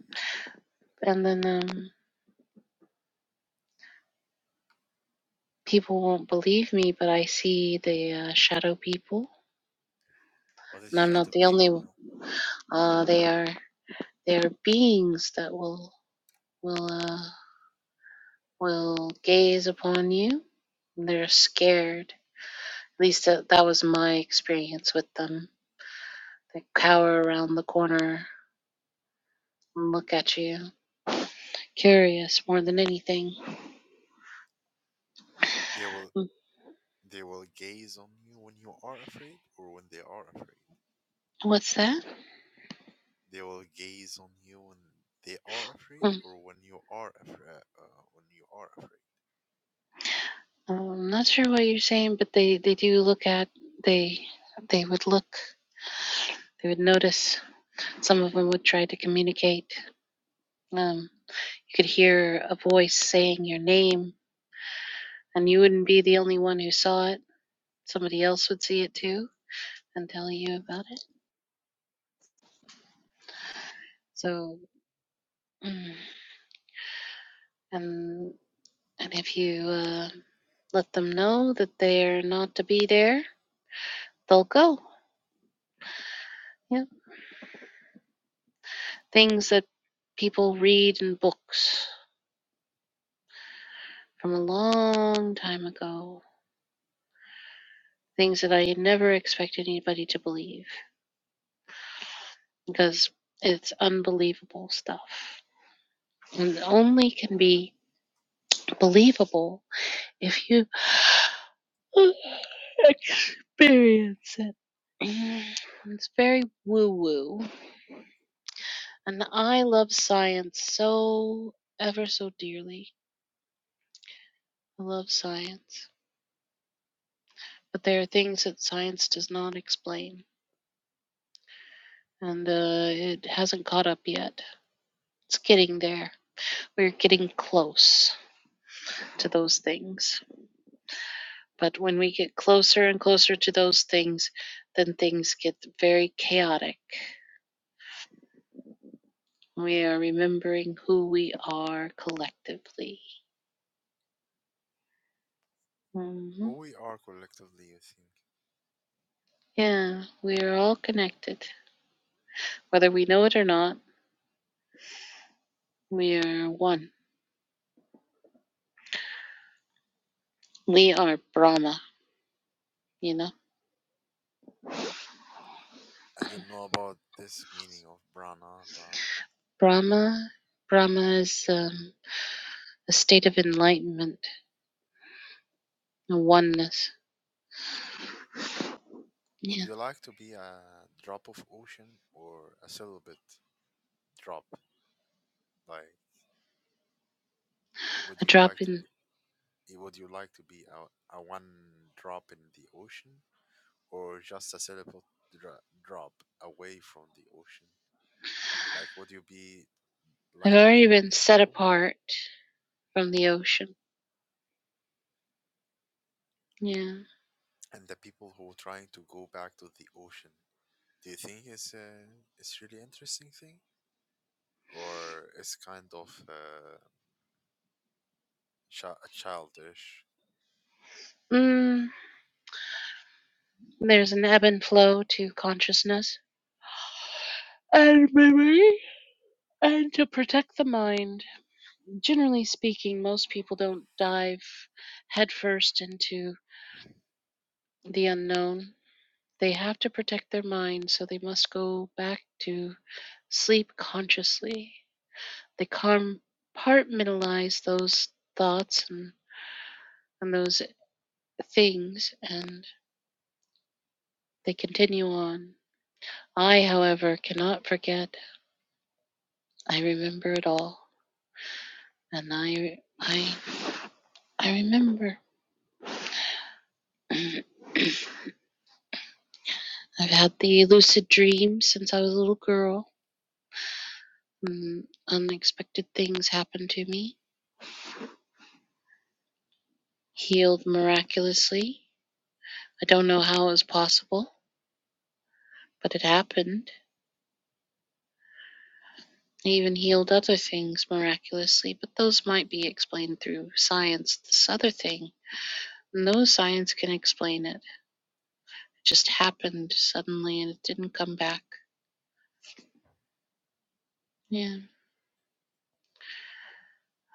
Speaker 5: and then um people won't believe me but i see the uh, shadow people
Speaker 6: What is
Speaker 5: and i'm not
Speaker 6: shadow
Speaker 5: the only one
Speaker 6: people?
Speaker 5: uh they are they are beings that will will uh will gaze upon you. They're scared. At least that, that was my experience with them. They cower around the corner and look at you, curious more than anything.
Speaker 6: They will they will gaze on you when you are afraid, or when they are afraid.
Speaker 5: What's that?
Speaker 6: They will gaze on you when they are afraid,
Speaker 5: Hmm.
Speaker 6: or when you are afraid. Uh, when you are afraid.
Speaker 5: I'm not sure what you're saying, but they, they do look at they they would look they would notice. Some of them would try to communicate. Um, you could hear a voice saying your name, and you wouldn't be the only one who saw it. Somebody else would see it too and tell you about it. So, mm, and and if you uh, let them know that they're not to be there, they'll go. Yeah, things
Speaker 6: Okay.
Speaker 5: that people read in books from a long time ago. Things that I never expected anybody to believe because it's unbelievable stuff, and it only can be believable if you (laughs) experience it. Mm, It's very woo woo. And I love science so ever so dearly. I love science. But there are things that science does not explain. And uh, it hasn't caught up yet. It's getting there. We're getting close to those things. But when we get closer and closer to those things, then things get very chaotic. We are remembering who we are collectively. hmm
Speaker 6: Who we are collectively, I think.
Speaker 5: Yeah, we are all connected, whether we know it or not We are one. We are Brahma, you know?
Speaker 6: I don't know about this meaning of prana, but
Speaker 5: Brahma, Brahma is um, a state of enlightenment, a oneness.
Speaker 6: Would
Speaker 5: Yeah,
Speaker 6: you like to be a drop of ocean or a celibate drop? Like, would
Speaker 5: a
Speaker 6: you
Speaker 5: drop
Speaker 6: like to
Speaker 5: in.
Speaker 6: be? eh, Would you like to be a, a one drop in the ocean or just a celibate dra- drop away from the ocean? Like, would you be
Speaker 5: I've
Speaker 6: like to be
Speaker 5: already
Speaker 6: on
Speaker 5: been
Speaker 6: your
Speaker 5: set
Speaker 6: own?
Speaker 5: apart from the ocean. Yeah.
Speaker 6: And the people who are trying to go back to the ocean, do you think it's uh, it's really interesting thing or it's kind of uh, chi- childish?
Speaker 5: Mm, there's an ebb and flow to consciousness and memory and to protect the mind. Generally speaking, most people don't dive headfirst into the unknown. They have to protect their mind, so they must go back to sleep consciously. They compartmentalize those thoughts and, and those things, and they continue on. I, however, cannot forget. I remember it all, and I, I, I remember. (clears throat) I've had the lucid dream since I was a little girl. Mm, Unexpected things happened to me, healed miraculously, I don't know how it was possible, but it happened. He even healed other things miraculously, but those might be explained through science. This other thing, no science can explain it. It just happened suddenly and it didn't come back. Yeah,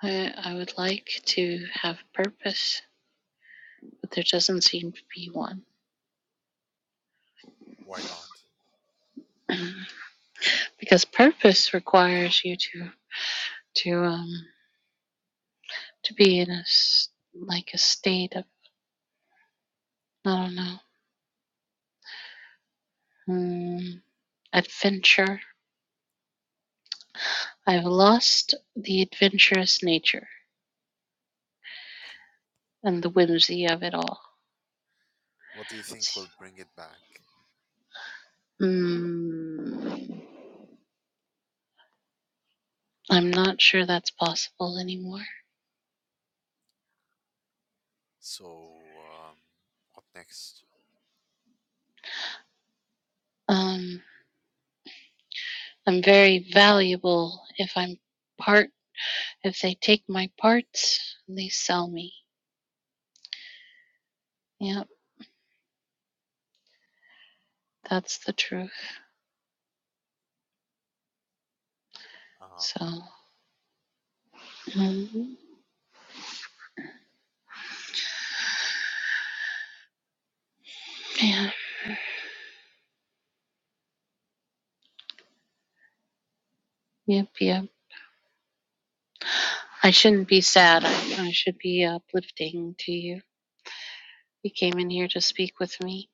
Speaker 5: I, I would like to have purpose, but there doesn't seem to be one.
Speaker 6: Why not?
Speaker 5: (clears throat) because purpose requires you to to um to be in a like a state of I don't know um, adventure I've lost the adventurous nature and the whimsy of it all.
Speaker 6: What do you think will bring it back?
Speaker 5: Mm, I'm not sure that's possible anymore.
Speaker 6: So, um, what next?
Speaker 5: Um, I'm very valuable if I'm part, if they take my parts and they sell me. Yep, that's the truth.
Speaker 6: Uh,
Speaker 5: So, mm, yeah, yep, yep. I shouldn't be sad. I, I should be uplifting to you. You came in here to speak with me.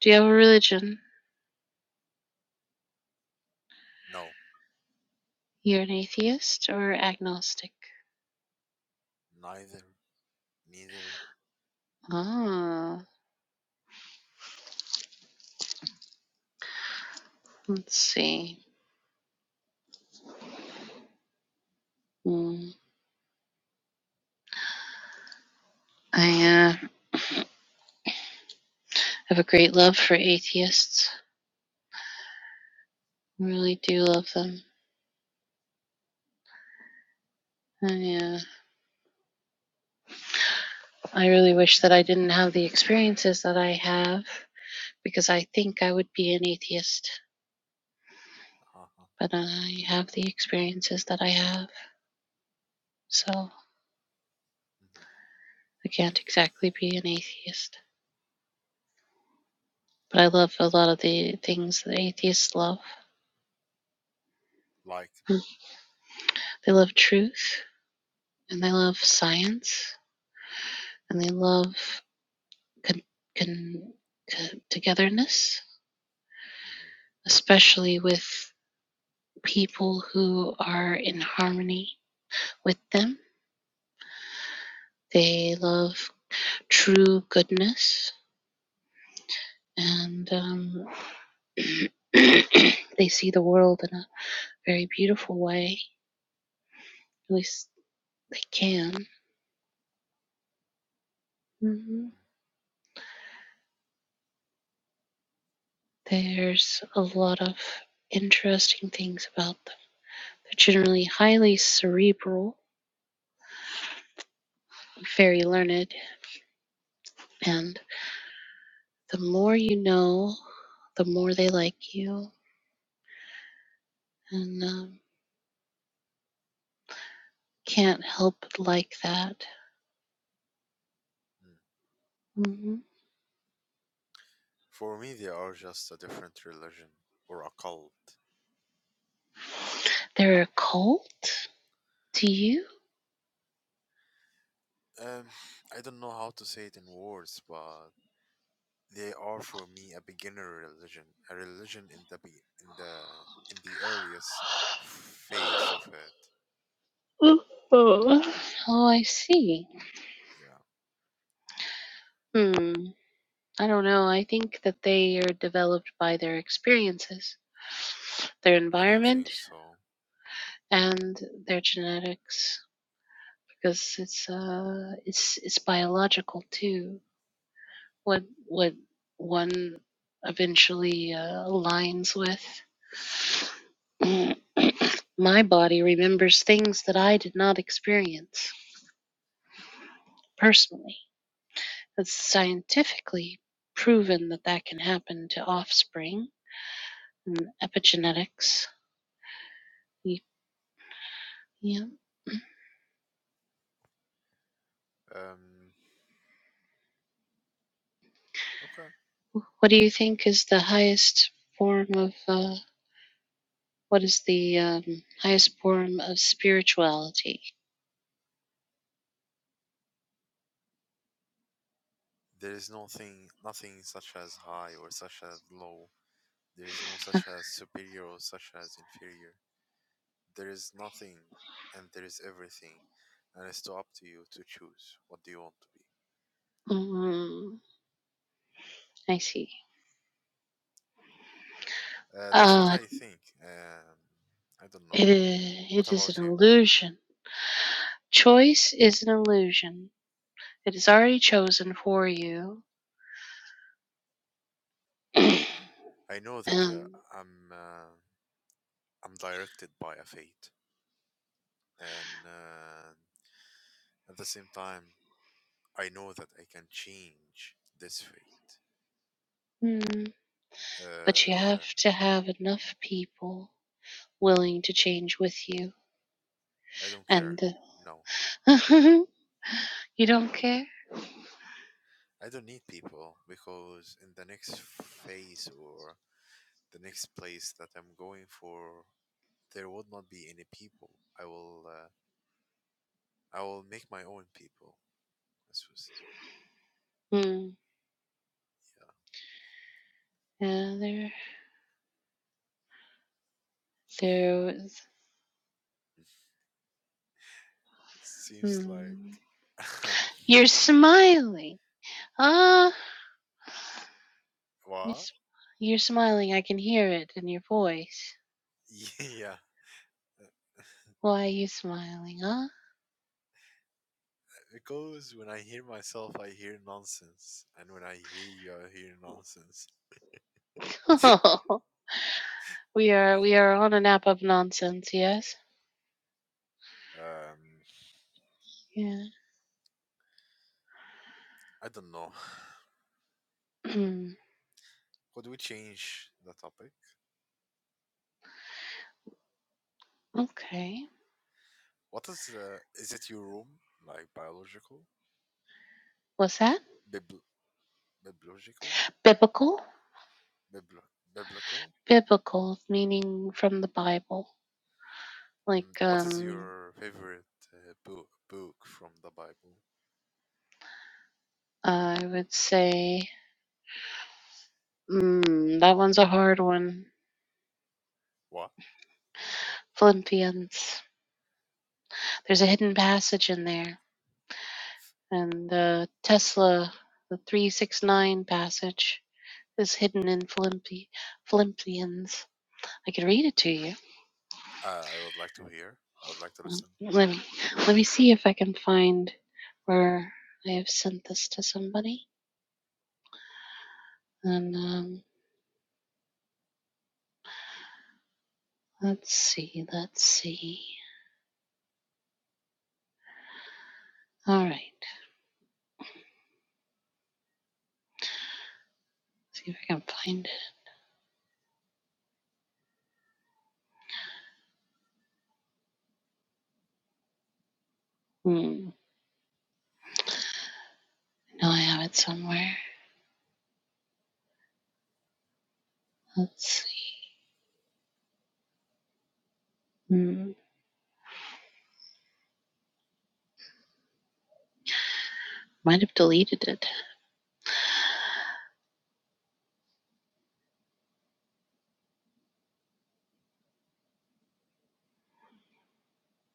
Speaker 5: Do you have a religion?
Speaker 6: no,
Speaker 5: You're an atheist or agnostic?
Speaker 6: neither, neither.
Speaker 5: Ah, let's see. Hmm. I uh, have a great love for atheists. I really do love them. I, uh, I really wish that I didn't have the experiences that I have because I think I would be an atheist,
Speaker 6: Uh,
Speaker 5: but I have the experiences that I have, so
Speaker 6: mhm,
Speaker 5: I can't exactly be an atheist. But I love a lot of the things that atheists love.
Speaker 6: Like,
Speaker 5: They love truth and they love science and they love con- con- co- togetherness,
Speaker 6: mhm, mm.
Speaker 5: especially with people who are in harmony with them. They love true goodness, and um, (clears throat) they see the world in a very beautiful way. At least they can. hmm There's a lot of interesting things about them. They're generally highly cerebral, very learned, and the more you know, the more they like you, and um, can't help but like that.
Speaker 6: Mm.
Speaker 5: hmm
Speaker 6: for me, they are just a different religion or a cult.
Speaker 5: They're a cult to you.
Speaker 6: Um, I don't know how to say it in words, but They are for me a beginner religion, a religion in the be- in the in the earliest phase of it.
Speaker 5: (sighs) Oh, I see.
Speaker 6: Yeah,
Speaker 5: Hmm. I don't know. I think that they are developed by their experiences, their
Speaker 6: I don't
Speaker 5: environment,
Speaker 6: think so.
Speaker 5: and their genetics, because it's uh, it's it's biological too. what what one eventually uh, aligns with. (clears throat) My body remembers things that I did not experience personally. It's scientifically proven that that can happen to offspring and epigenetics. Yeah.
Speaker 6: Um, okay.
Speaker 5: What do you think is the highest form of uh, what is the um, highest form of spirituality?
Speaker 6: There is nothing, nothing such as high or such as low. There is no such as superior or such as inferior. There is nothing, and there is everything, and it's to up to you to choose what do you want to be.
Speaker 5: Mm, I see.
Speaker 6: Uh, that's what
Speaker 5: Uh,
Speaker 6: I think. Um, I don't
Speaker 5: It
Speaker 6: know.
Speaker 5: is,
Speaker 6: What
Speaker 5: it is
Speaker 6: about
Speaker 5: an
Speaker 6: you?
Speaker 5: illusion. Choice is an illusion. It is already chosen for you. (clears throat)
Speaker 6: I know that yeah,
Speaker 5: um,
Speaker 6: I'm uh, I'm directed by a fate, and uh, at the same time, I know that I can change this fate.
Speaker 5: hmm, but you have
Speaker 6: Uh,
Speaker 5: to have enough people willing to change with you.
Speaker 6: I don't care.
Speaker 5: And
Speaker 6: No,
Speaker 5: the, (laughs) you don't care?
Speaker 6: I don't need people because in the next phase or the next place that I'm going for, there would not be any people. I will uh, I will make my own people. As we say,
Speaker 5: Hmm. Yeah, there, there was.
Speaker 6: seems like
Speaker 5: Hmm. You're smiling. Ah,
Speaker 6: (laughs)
Speaker 5: you're,
Speaker 6: what?
Speaker 5: s- you're smiling. I can hear it in your voice.
Speaker 6: (laughs) Yeah,
Speaker 5: Why are you smiling,
Speaker 6: Because when I hear myself, I hear nonsense, and when I hear you, I hear nonsense. (laughs)
Speaker 5: huh? (laughs) We are we are on an app of nonsense, yes?
Speaker 6: um,
Speaker 5: Yeah.
Speaker 6: I don't know. (sighs)
Speaker 5: (clears throat)
Speaker 6: Could we change the topic?
Speaker 5: okay.
Speaker 6: What is uh, is it your room like biological,
Speaker 5: What's that?
Speaker 6: Bibl- biblical,
Speaker 5: Biblical?
Speaker 6: Bibl- biblical?
Speaker 5: Biblical meaning from the Bible.
Speaker 6: Mm,
Speaker 5: Like
Speaker 6: What is
Speaker 5: um
Speaker 6: your favorite uh, book book from the Bible?
Speaker 5: I would say mm, that one's a hard one.
Speaker 6: What?
Speaker 5: Philippians. There's a hidden passage in there. And the Tesla the three six nine passage is hidden in Philippi Philippians. I could read it to you
Speaker 6: Uh, I would like to hear. I would like to
Speaker 5: Well,
Speaker 6: listen.
Speaker 5: Let me let me see if I can find where I have sent this to somebody. And um, let's see, let's see. All right, let's see if I can find it. Hmm. No, I have it somewhere. Let's see. Hmm. Might have deleted it.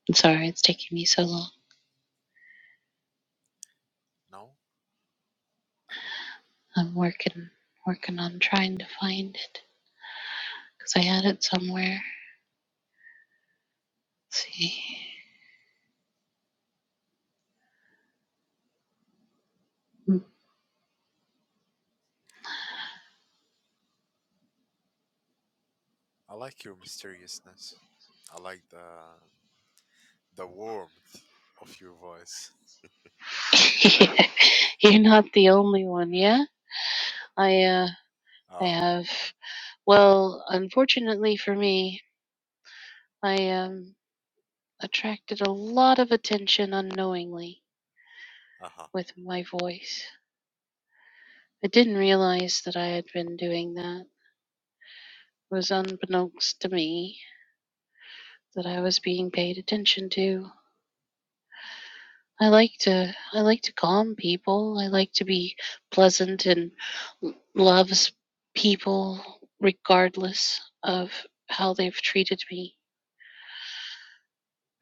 Speaker 5: I'm sorry, it's taking me so long.
Speaker 6: No,
Speaker 5: I'm working working on trying to find it because I had it somewhere. Let's see.
Speaker 6: I like your mysteriousness. I like the the warmth of your voice.
Speaker 5: (laughs) You're not the only one, yeah? I uh, I
Speaker 6: Uh,
Speaker 5: have. Well, unfortunately for me, I um, attracted a lot of attention unknowingly
Speaker 6: uh-huh.
Speaker 5: with my voice. I didn't realize that I had been doing that. It was unbeknownst to me that I was being paid attention to. I like to I like to calm people. I like to be pleasant and l- loves people regardless of how they've treated me.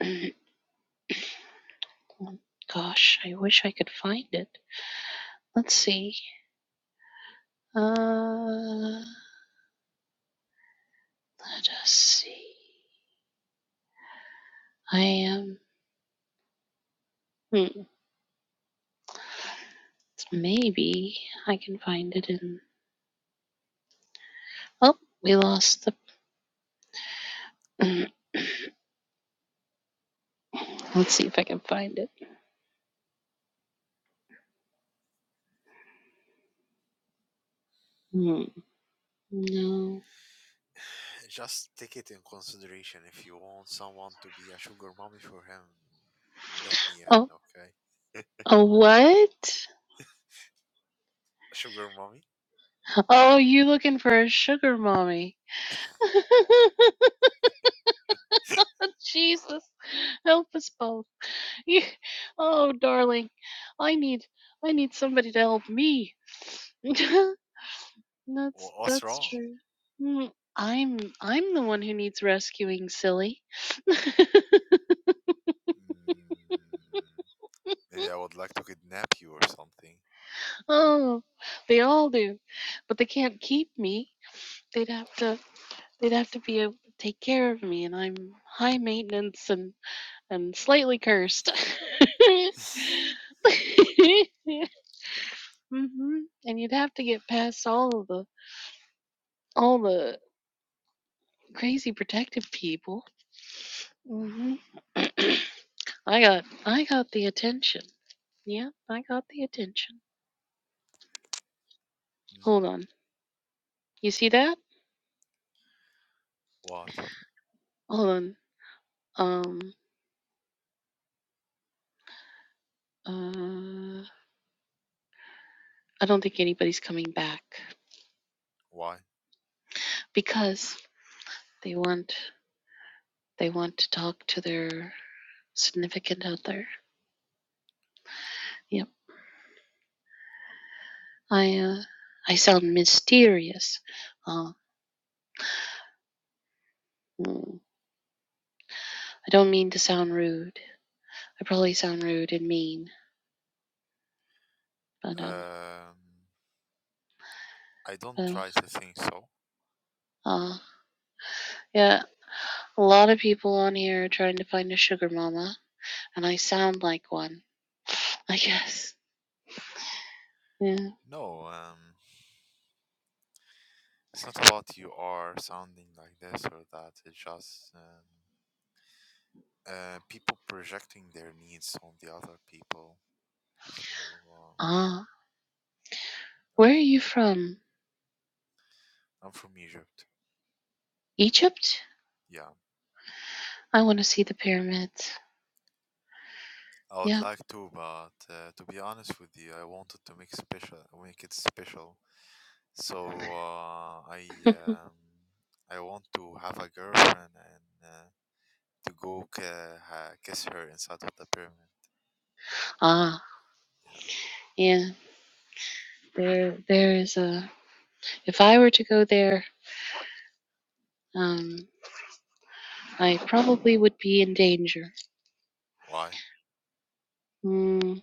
Speaker 5: (clears throat) Gosh, I wish I could find it. Let's see. Uh, let us see. I am. Um, hmm, maybe I can find it in. Oh, we lost the. (clears throat) Let's see if I can find it. Hmm. No.
Speaker 6: Just take it in consideration if you want someone to be a sugar mommy for him. Let me in,
Speaker 5: Oh,
Speaker 6: okay?
Speaker 5: a what?
Speaker 6: Sugar mommy?
Speaker 5: Oh, you looking for a sugar mommy? (laughs) Jesus, help us both. You, oh, darling, I need, I need somebody to help me. (laughs) That's
Speaker 6: Wha- What's
Speaker 5: that's
Speaker 6: wrong?
Speaker 5: true. Mm, I'm I'm the one who needs rescuing, silly. (laughs)
Speaker 6: Mm, maybe I would like to kidnap you or something.
Speaker 5: oh, they all do, but they can't keep me. They'd have to they'd have to be able to take care of me, and I'm high maintenance and and slightly cursed. (laughs) hmm And you'd have to get past all of the all the crazy protective people.
Speaker 6: Mm.
Speaker 5: hmm (clears throat) I got I got the attention. Yeah, I got the attention.
Speaker 6: Mm.
Speaker 5: Hold on. You see that?
Speaker 6: What?
Speaker 5: Hold on. Um, uh, I don't think anybody's coming back
Speaker 6: Why?
Speaker 5: because they want they want to talk to their significant other. Yep. I uh, I sound mysterious. Uh, mm, I don't mean to sound rude. I probably sound rude and mean, but um,
Speaker 6: Um, I don't
Speaker 5: uh,
Speaker 6: try to think so.
Speaker 5: uh, yeah. A lot of people on here are trying to find a sugar mama, and I sound like one. I guess. Yeah.
Speaker 6: No, um, it's not about you are sounding like this or that. It's just um, uh, people projecting their needs on the other people. So. um,
Speaker 5: Ah, where are
Speaker 6: Awesome.
Speaker 5: you from?
Speaker 6: I'm from Egypt.
Speaker 5: Egypt?
Speaker 6: Yeah,
Speaker 5: I want to see the pyramids.
Speaker 6: I would
Speaker 5: Yeah. (laughs)
Speaker 6: like to, but uh, to be honest with you, I wanted to make special, make it special. So uh, I um, I want to have a girlfriend and uh, to go ca- ha- kiss her inside of the pyramid.
Speaker 5: Ah,
Speaker 6: Yeah.
Speaker 5: yeah. There, there is a. If I were to go there, um, I probably would be in danger.
Speaker 6: Why?
Speaker 5: Mm,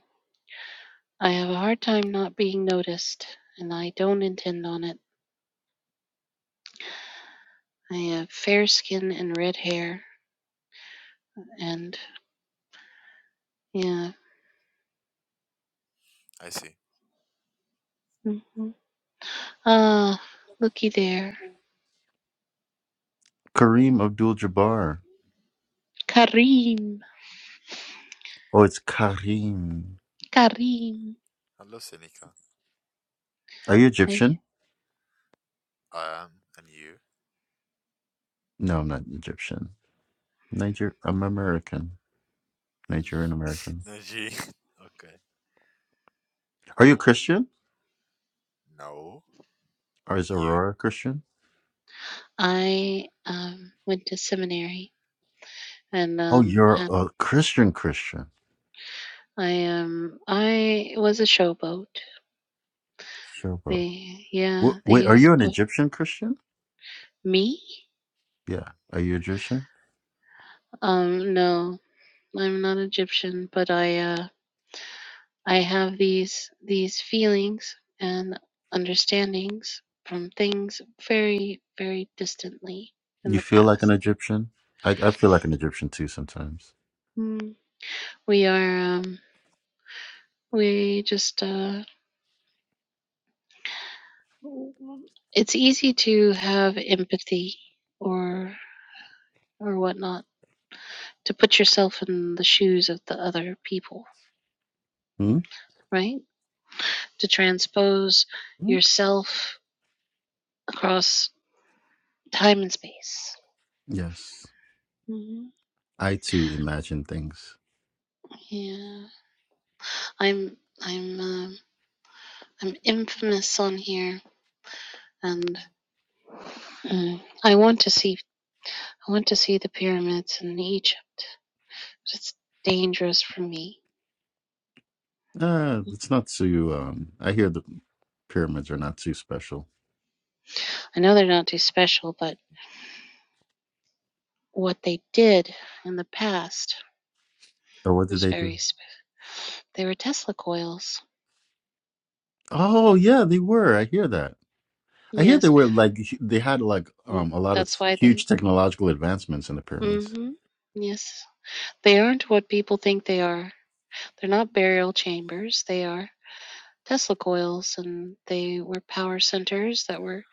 Speaker 5: I have a hard time not being noticed, and I don't intend on it. I have fair skin and red hair, and yeah.
Speaker 6: I see.
Speaker 5: hmm Ah, looky there,
Speaker 7: Kareem Abdul-Jabbar.
Speaker 5: Karim,
Speaker 7: Oh, it's Kareem.
Speaker 5: Karim.
Speaker 6: Hello, Senika.
Speaker 7: Are you
Speaker 5: I,
Speaker 7: Egyptian?
Speaker 6: I am, and you?
Speaker 7: No, I'm not Egyptian. Niger, I'm American. Nigerian American.
Speaker 6: (laughs) Najee. Okay.
Speaker 7: Are you
Speaker 6: Cool.
Speaker 7: Christian?
Speaker 6: No.
Speaker 7: Or is
Speaker 6: You.
Speaker 7: Aurora Christian?
Speaker 5: I um, went to seminary and
Speaker 7: Oh,
Speaker 5: um,
Speaker 7: you're
Speaker 5: had-
Speaker 7: a Christian Christian.
Speaker 5: I um, I was a showboat.
Speaker 7: Showboat.
Speaker 5: They yeah,
Speaker 7: W- wait, are
Speaker 5: they
Speaker 7: you an
Speaker 5: put
Speaker 7: Egyptian Christian?
Speaker 5: me.
Speaker 7: Yeah. Are you Egyptian?
Speaker 5: Um, no, I'm not Egyptian, but I uh, I have these these feelings and understandings from things very very distantly in
Speaker 7: You
Speaker 5: the
Speaker 7: feel like an
Speaker 5: past.
Speaker 7: Egyptian? I, I feel like an Egyptian too sometimes.
Speaker 5: Mm. We are um, we just uh, it's easy to have empathy or or whatnot to put yourself in the shoes of the other people,
Speaker 7: Hmm?
Speaker 5: right? To transpose
Speaker 7: Hmm?
Speaker 5: yourself across time and space.
Speaker 7: Yes.
Speaker 5: hmm
Speaker 7: I too imagine things.
Speaker 5: Yeah, I'm I'm uh, I'm infamous on here, and mm, I want to see I want to see the pyramids in Egypt. But it's dangerous for me.
Speaker 7: Uh, it's not too. Um, I hear the pyramids are not too special.
Speaker 5: I know they're not too special, but what they did in the past
Speaker 7: Or what did
Speaker 5: was
Speaker 7: they do?
Speaker 5: very special. They were Tesla coils.
Speaker 7: Oh yeah, they were. I hear that. I hear
Speaker 5: Yes,
Speaker 7: they were like hu- they had like
Speaker 5: Mm,
Speaker 7: um a lot of
Speaker 5: That's why
Speaker 7: huge
Speaker 5: they.
Speaker 7: technological advancements in the pyramids.
Speaker 5: hmm Yes. They aren't what people think they are. They're not burial chambers. They are Tesla coils, and they were power centers that were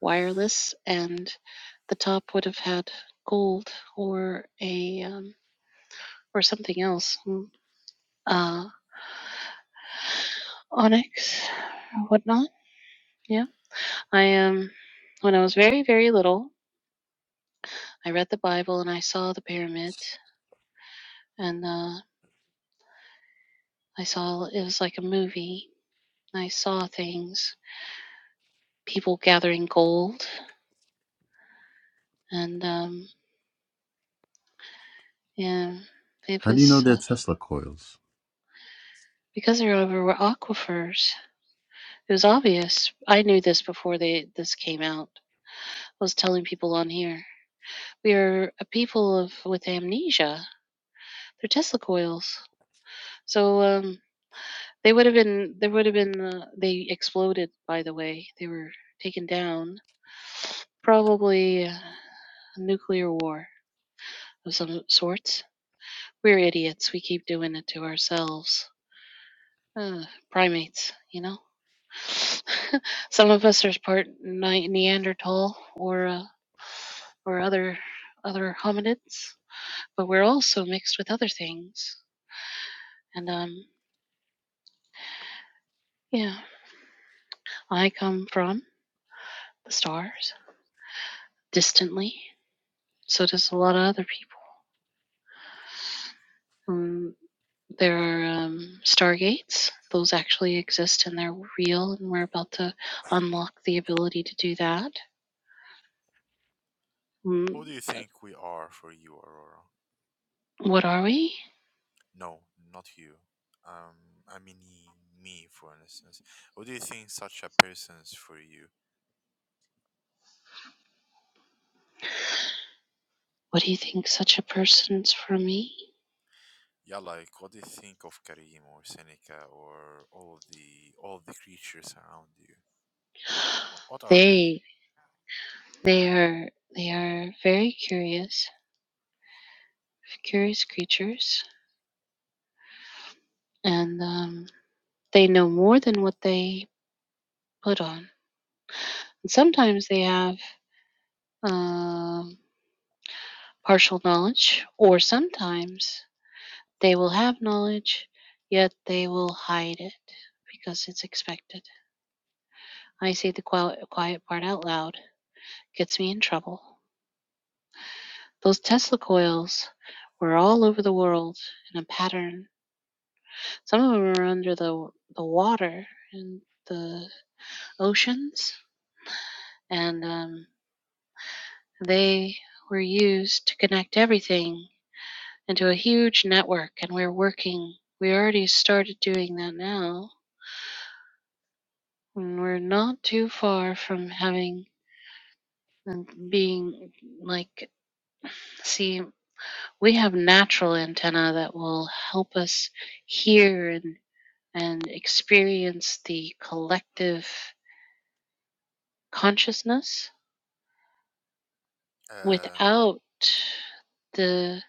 Speaker 5: wireless, and the top would have had gold or a um, or something else, mm, uh, onyx or whatnot. Yeah. I um, when I was very very little, I read the Bible and I saw the pyramids, and uh, I saw it was like a movie I saw things, people gathering gold, and um, yeah, it
Speaker 7: How do you know
Speaker 5: was
Speaker 7: they're
Speaker 5: uh,
Speaker 7: Tesla coils?
Speaker 5: because there were aquifers. It was obvious. I knew this before they this came out. I was telling people on here we are a people of with amnesia. They're Tesla coils, so um, they would have been. There would have been. Uh, they exploded. By the way, they were taken down. Probably uh, a nuclear war of some sorts. We're idiots. We keep doing it to ourselves. Ugh, primates, you know? (laughs) Some of us are part Neanderthal or uh, or other other hominids, but we're also mixed with other things. And um, yeah, I come from the stars, distantly. So does a lot of other people. Um, there are um, stargates. Those actually exist and they're real, and we're about to unlock the ability to do that. Mm,
Speaker 6: Who do you think we are for you, Aurora?
Speaker 5: what are we?
Speaker 6: No, not you. Um, I mean y- me, for instance. What do you think such a person's for you?
Speaker 5: What do you think such a person is for me?
Speaker 6: Yeah, like what do you think of Karim or Seneca or all the all the creatures around you? What, what are they?
Speaker 5: They they are they are very curious, curious creatures, and um, they know more than what they put on. And sometimes they have um, partial knowledge, or sometimes they will have knowledge, yet they will hide it because it's expected. I say the quiet, quiet part out loud, gets me in trouble. Those Tesla coils were all over the world in a pattern. Some of them were under the the water in the oceans, and um, they were used to connect everything into a huge network. And we're working. We already started doing that now, and we're not too far from having and being like see we have natural antenna that will help us hear and and experience the collective consciousness
Speaker 6: Um,
Speaker 5: without the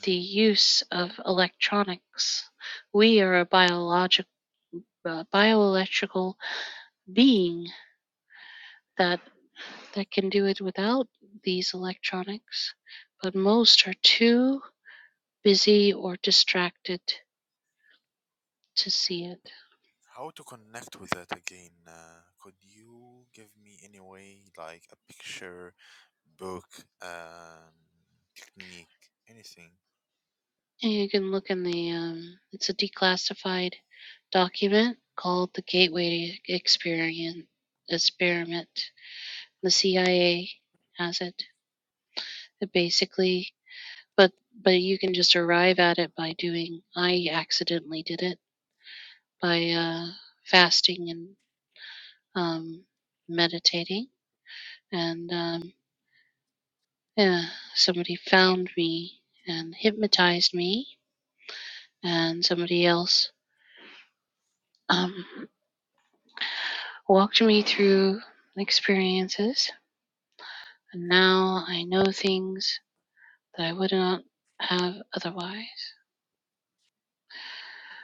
Speaker 6: mm,
Speaker 5: the use of electronics. We are a biological, uh, bioelectrical being that that can do it without these electronics, but most are too busy or distracted to see it.
Speaker 6: how to connect with that again? Uh, could you give me any way, like a picture, book, um, technique, anything?
Speaker 5: And you can look in the, um, it's a declassified document called the Gateway Experience Experiment. The CIA has it. It basically, but but you can just arrive at it by doing. I accidentally did it by uh, fasting and um, meditating, and um, yeah, somebody found me and hypnotized me, and somebody else. Um, walked me through experiences, and now I know things that I would not have otherwise.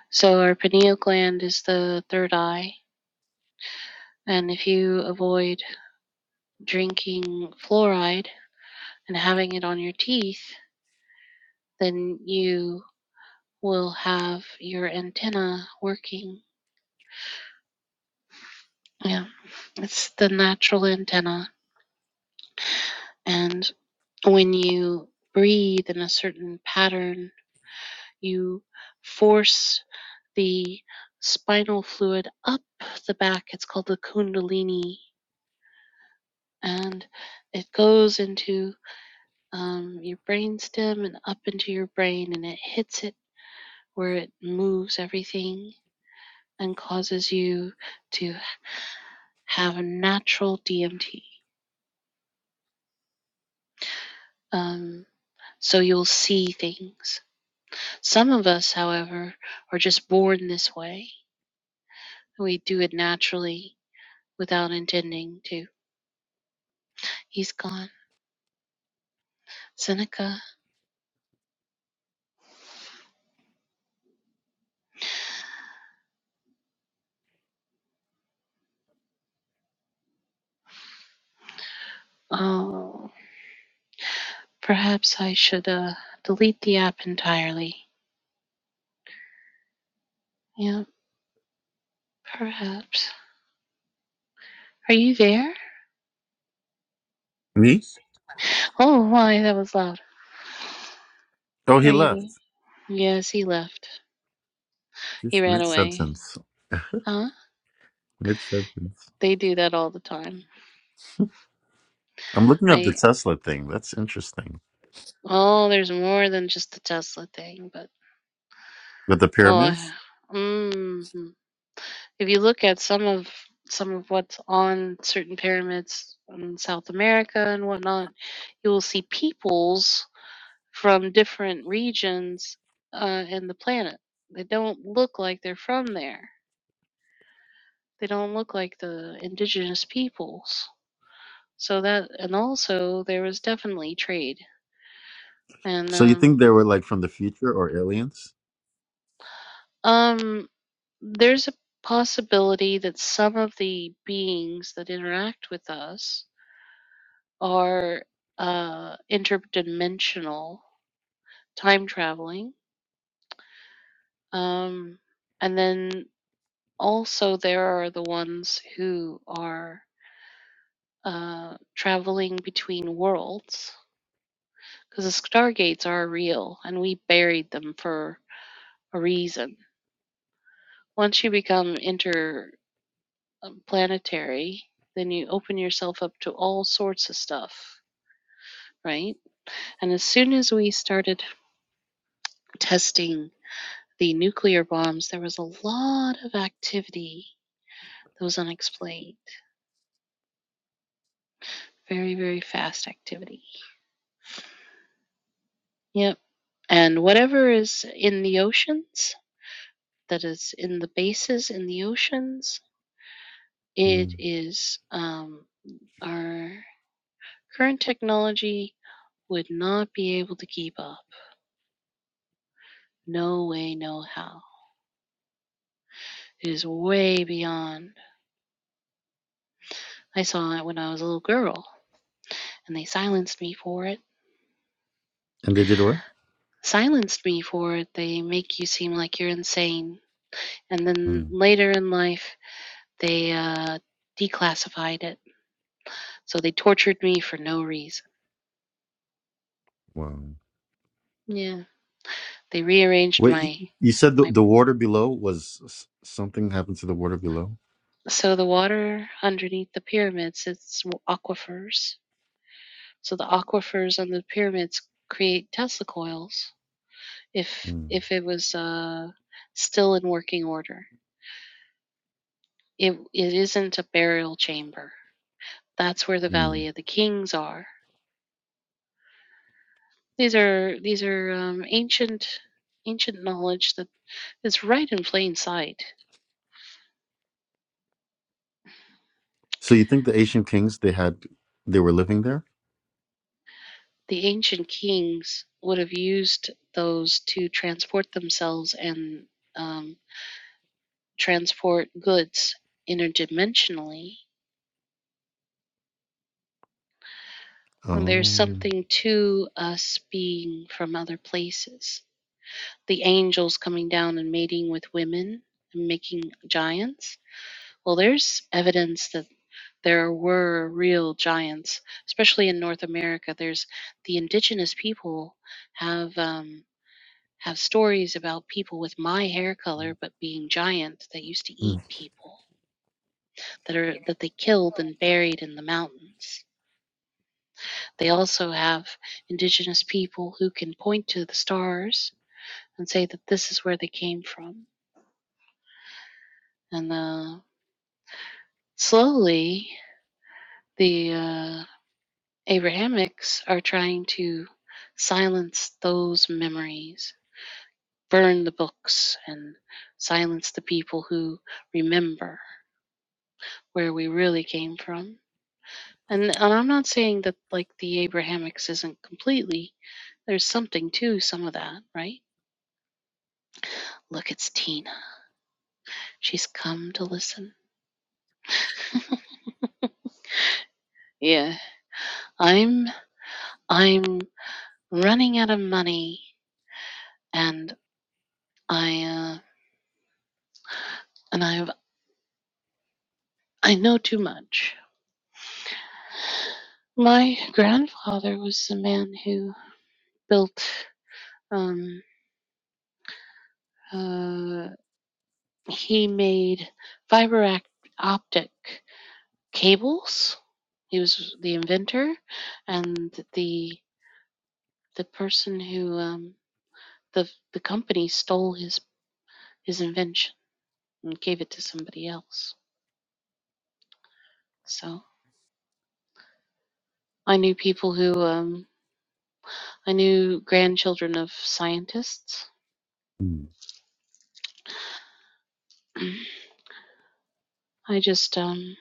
Speaker 5: So, our pineal gland is the third eye, and if you avoid drinking fluoride and having it on your teeth, then you will have your antenna working. Yeah, it's the natural antenna, and when you breathe in a certain pattern you force the spinal fluid up the back. It's called the kundalini, and it goes into um, your brainstem and up into your brain, and it hits it where it moves everything and causes you to have a natural DMT. Um, so you'll see things. Some of us, however, are just born this way. We do it naturally without intending to. He's gone. Seneca, oh, perhaps I should uh, delete the app entirely. Yeah, perhaps. Are you there?
Speaker 7: Me?
Speaker 5: Oh, why, that was loud.
Speaker 7: Oh,
Speaker 5: Are
Speaker 7: he
Speaker 5: you
Speaker 7: left.
Speaker 5: there? Yes, he left. He
Speaker 7: Just
Speaker 5: ran
Speaker 7: mid
Speaker 5: away.
Speaker 7: sentence.
Speaker 5: Huh?
Speaker 7: Mid sentence.
Speaker 5: They do that all the time.
Speaker 7: I'm looking up the
Speaker 5: I,
Speaker 7: Tesla thing. That's interesting.
Speaker 5: oh, there's more than just the Tesla thing, but,
Speaker 7: With the
Speaker 5: oh, I,
Speaker 7: pyramids.
Speaker 5: mm, if you look at some of, some of what's on certain pyramids in South America and whatnot, you will see peoples from different regions uh, in the planet. They don't look like they're from there. They don't look like the indigenous peoples. So that, and also there was definitely trade. And
Speaker 7: So you think
Speaker 5: um,
Speaker 7: they were like from the future or aliens?
Speaker 5: um, there's a possibility that some of the beings that interact with us are uh, interdimensional, time traveling. Um, and then also there are the ones who are uh, traveling between worlds because the stargates are real and we buried them for a reason. Once you become interplanetary, then you open yourself up to all sorts of stuff, right? And as soon as we started testing the nuclear bombs, there was a lot of activity that was unexplained. Very, very fast activity. Yep. And whatever is in the oceans that is in the bases in the oceans.
Speaker 7: Hmm.
Speaker 5: It is um, our current technology would not be able to keep up. No way, no how. It is way beyond. I saw it when I was a little girl, and they silenced me for it.
Speaker 7: And they did what?
Speaker 5: Silenced me for it. They make you seem like you're insane. And then
Speaker 7: Hmm.
Speaker 5: later in life, they uh, declassified it. So they tortured me for no reason.
Speaker 7: Wow.
Speaker 5: Yeah. They rearranged
Speaker 7: Wait, you
Speaker 5: my
Speaker 7: you said the,
Speaker 5: my
Speaker 7: the water below was s- something happened to the water below?
Speaker 5: So the water underneath the pyramids, it's aquifers. So the aquifers under the pyramids create Tesla coils. If
Speaker 7: Mm.
Speaker 5: if it was uh, still in working order, it it isn't a burial chamber. That's where the
Speaker 7: Mm.
Speaker 5: Valley of the Kings are. These are these are um, ancient ancient knowledge that is right in plain sight.
Speaker 7: So you think the Asian kings they had they were living there?
Speaker 5: The ancient kings would have used those to transport themselves and um, transport goods interdimensionally, well, there's
Speaker 7: Oh.
Speaker 5: something to us being from other places. The angels coming down and mating with women and making giants. Well, there's evidence that there were real giants, especially in North America. There's the indigenous people have um, have stories about people with my hair color, but being giant that used to eat
Speaker 7: Mm.
Speaker 5: people that are that they killed and buried in the mountains They also have indigenous people who can point to the stars and say that this is where they came from. And uh, slowly, the uh, Abrahamics are trying to silence those memories, burn the books, and silence the people who remember where we really came from. And, and I'm not saying that like the Abrahamics isn't completely. There's something to some of that, right? Look, it's Tina. She's come to listen. Yeah. I'm I'm running out of money and I uh, and I've I know too much. My grandfather was the man who built um uh he made fiber optic cables. He was the inventor and the the person who um the the company stole his his invention and gave it to somebody else. So I knew people who um, I knew grandchildren of scientists.
Speaker 7: Mm.
Speaker 5: (clears throat) I just um,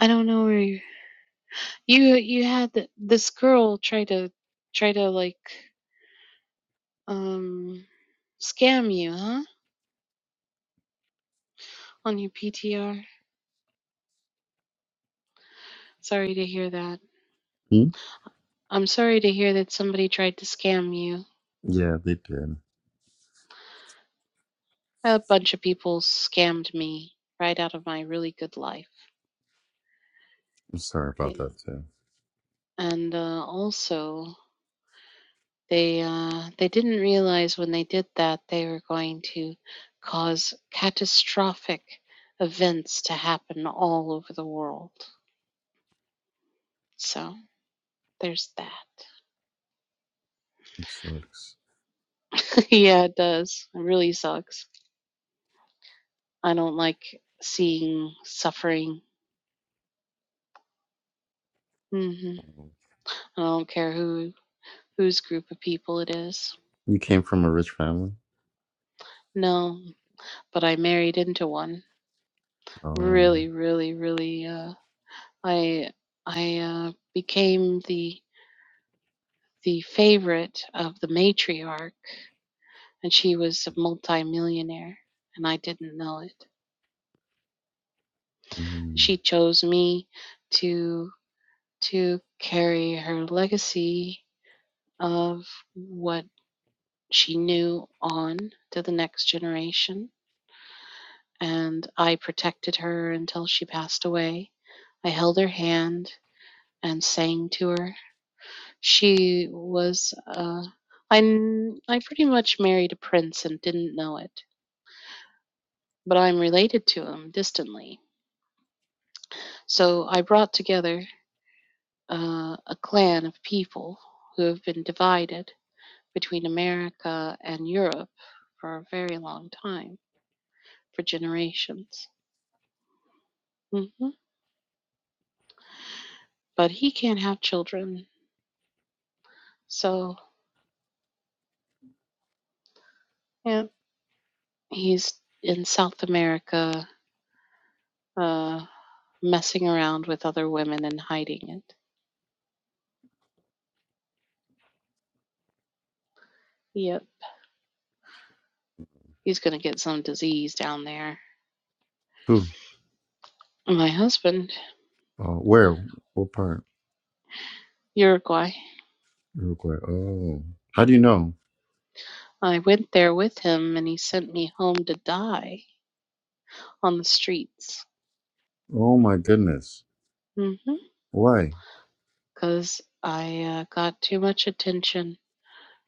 Speaker 5: I don't know where you you, you had th- this girl try to try to like um, scam you, huh? On your PTR. Sorry to hear that.
Speaker 7: Hmm?
Speaker 5: I'm sorry to hear that somebody tried to scam you.
Speaker 7: Yeah, they did.
Speaker 5: A bunch of people scammed me right out of my really good life.
Speaker 7: I'm sorry about
Speaker 5: Yeah.
Speaker 7: that too.
Speaker 5: And uh, also. They uh, they didn't realize when they did that they were going to cause catastrophic events to happen all over the world. So there's that.
Speaker 7: It sucks.
Speaker 5: (laughs) yeah, it does. It really sucks. I don't like seeing suffering. hmm I don't care who whose group of people it is.
Speaker 7: You came from a rich family?
Speaker 5: No, but I married into one.
Speaker 7: Oh.
Speaker 5: Really, really, really. Uh, I I uh, became the the favorite of the matriarch, and she was a multimillionaire, and I didn't know it.
Speaker 7: Mm.
Speaker 5: She chose me to to carry her legacy of what she knew on to the next generation, and I protected her until she passed away. I held her hand and sang to her. She was uh, I I pretty much married a prince and didn't know it. but I'm related to him distantly. So I brought together uh, a clan of people who have been divided between America and Europe for a very long time, for generations. hmm But he can't have children, so yeah, he's in South America uh, messing around with other women and hiding it. Yep, he's gonna get some disease down there.
Speaker 7: Who?
Speaker 5: My husband,
Speaker 7: Oh, where? What part?
Speaker 5: Uruguay,
Speaker 7: Uruguay. Oh. How do you know?
Speaker 5: I went there with him and he sent me home to die on the streets.
Speaker 7: Oh my goodness.
Speaker 5: Mm-hmm.
Speaker 7: Why?
Speaker 5: Because I uh, got too much attention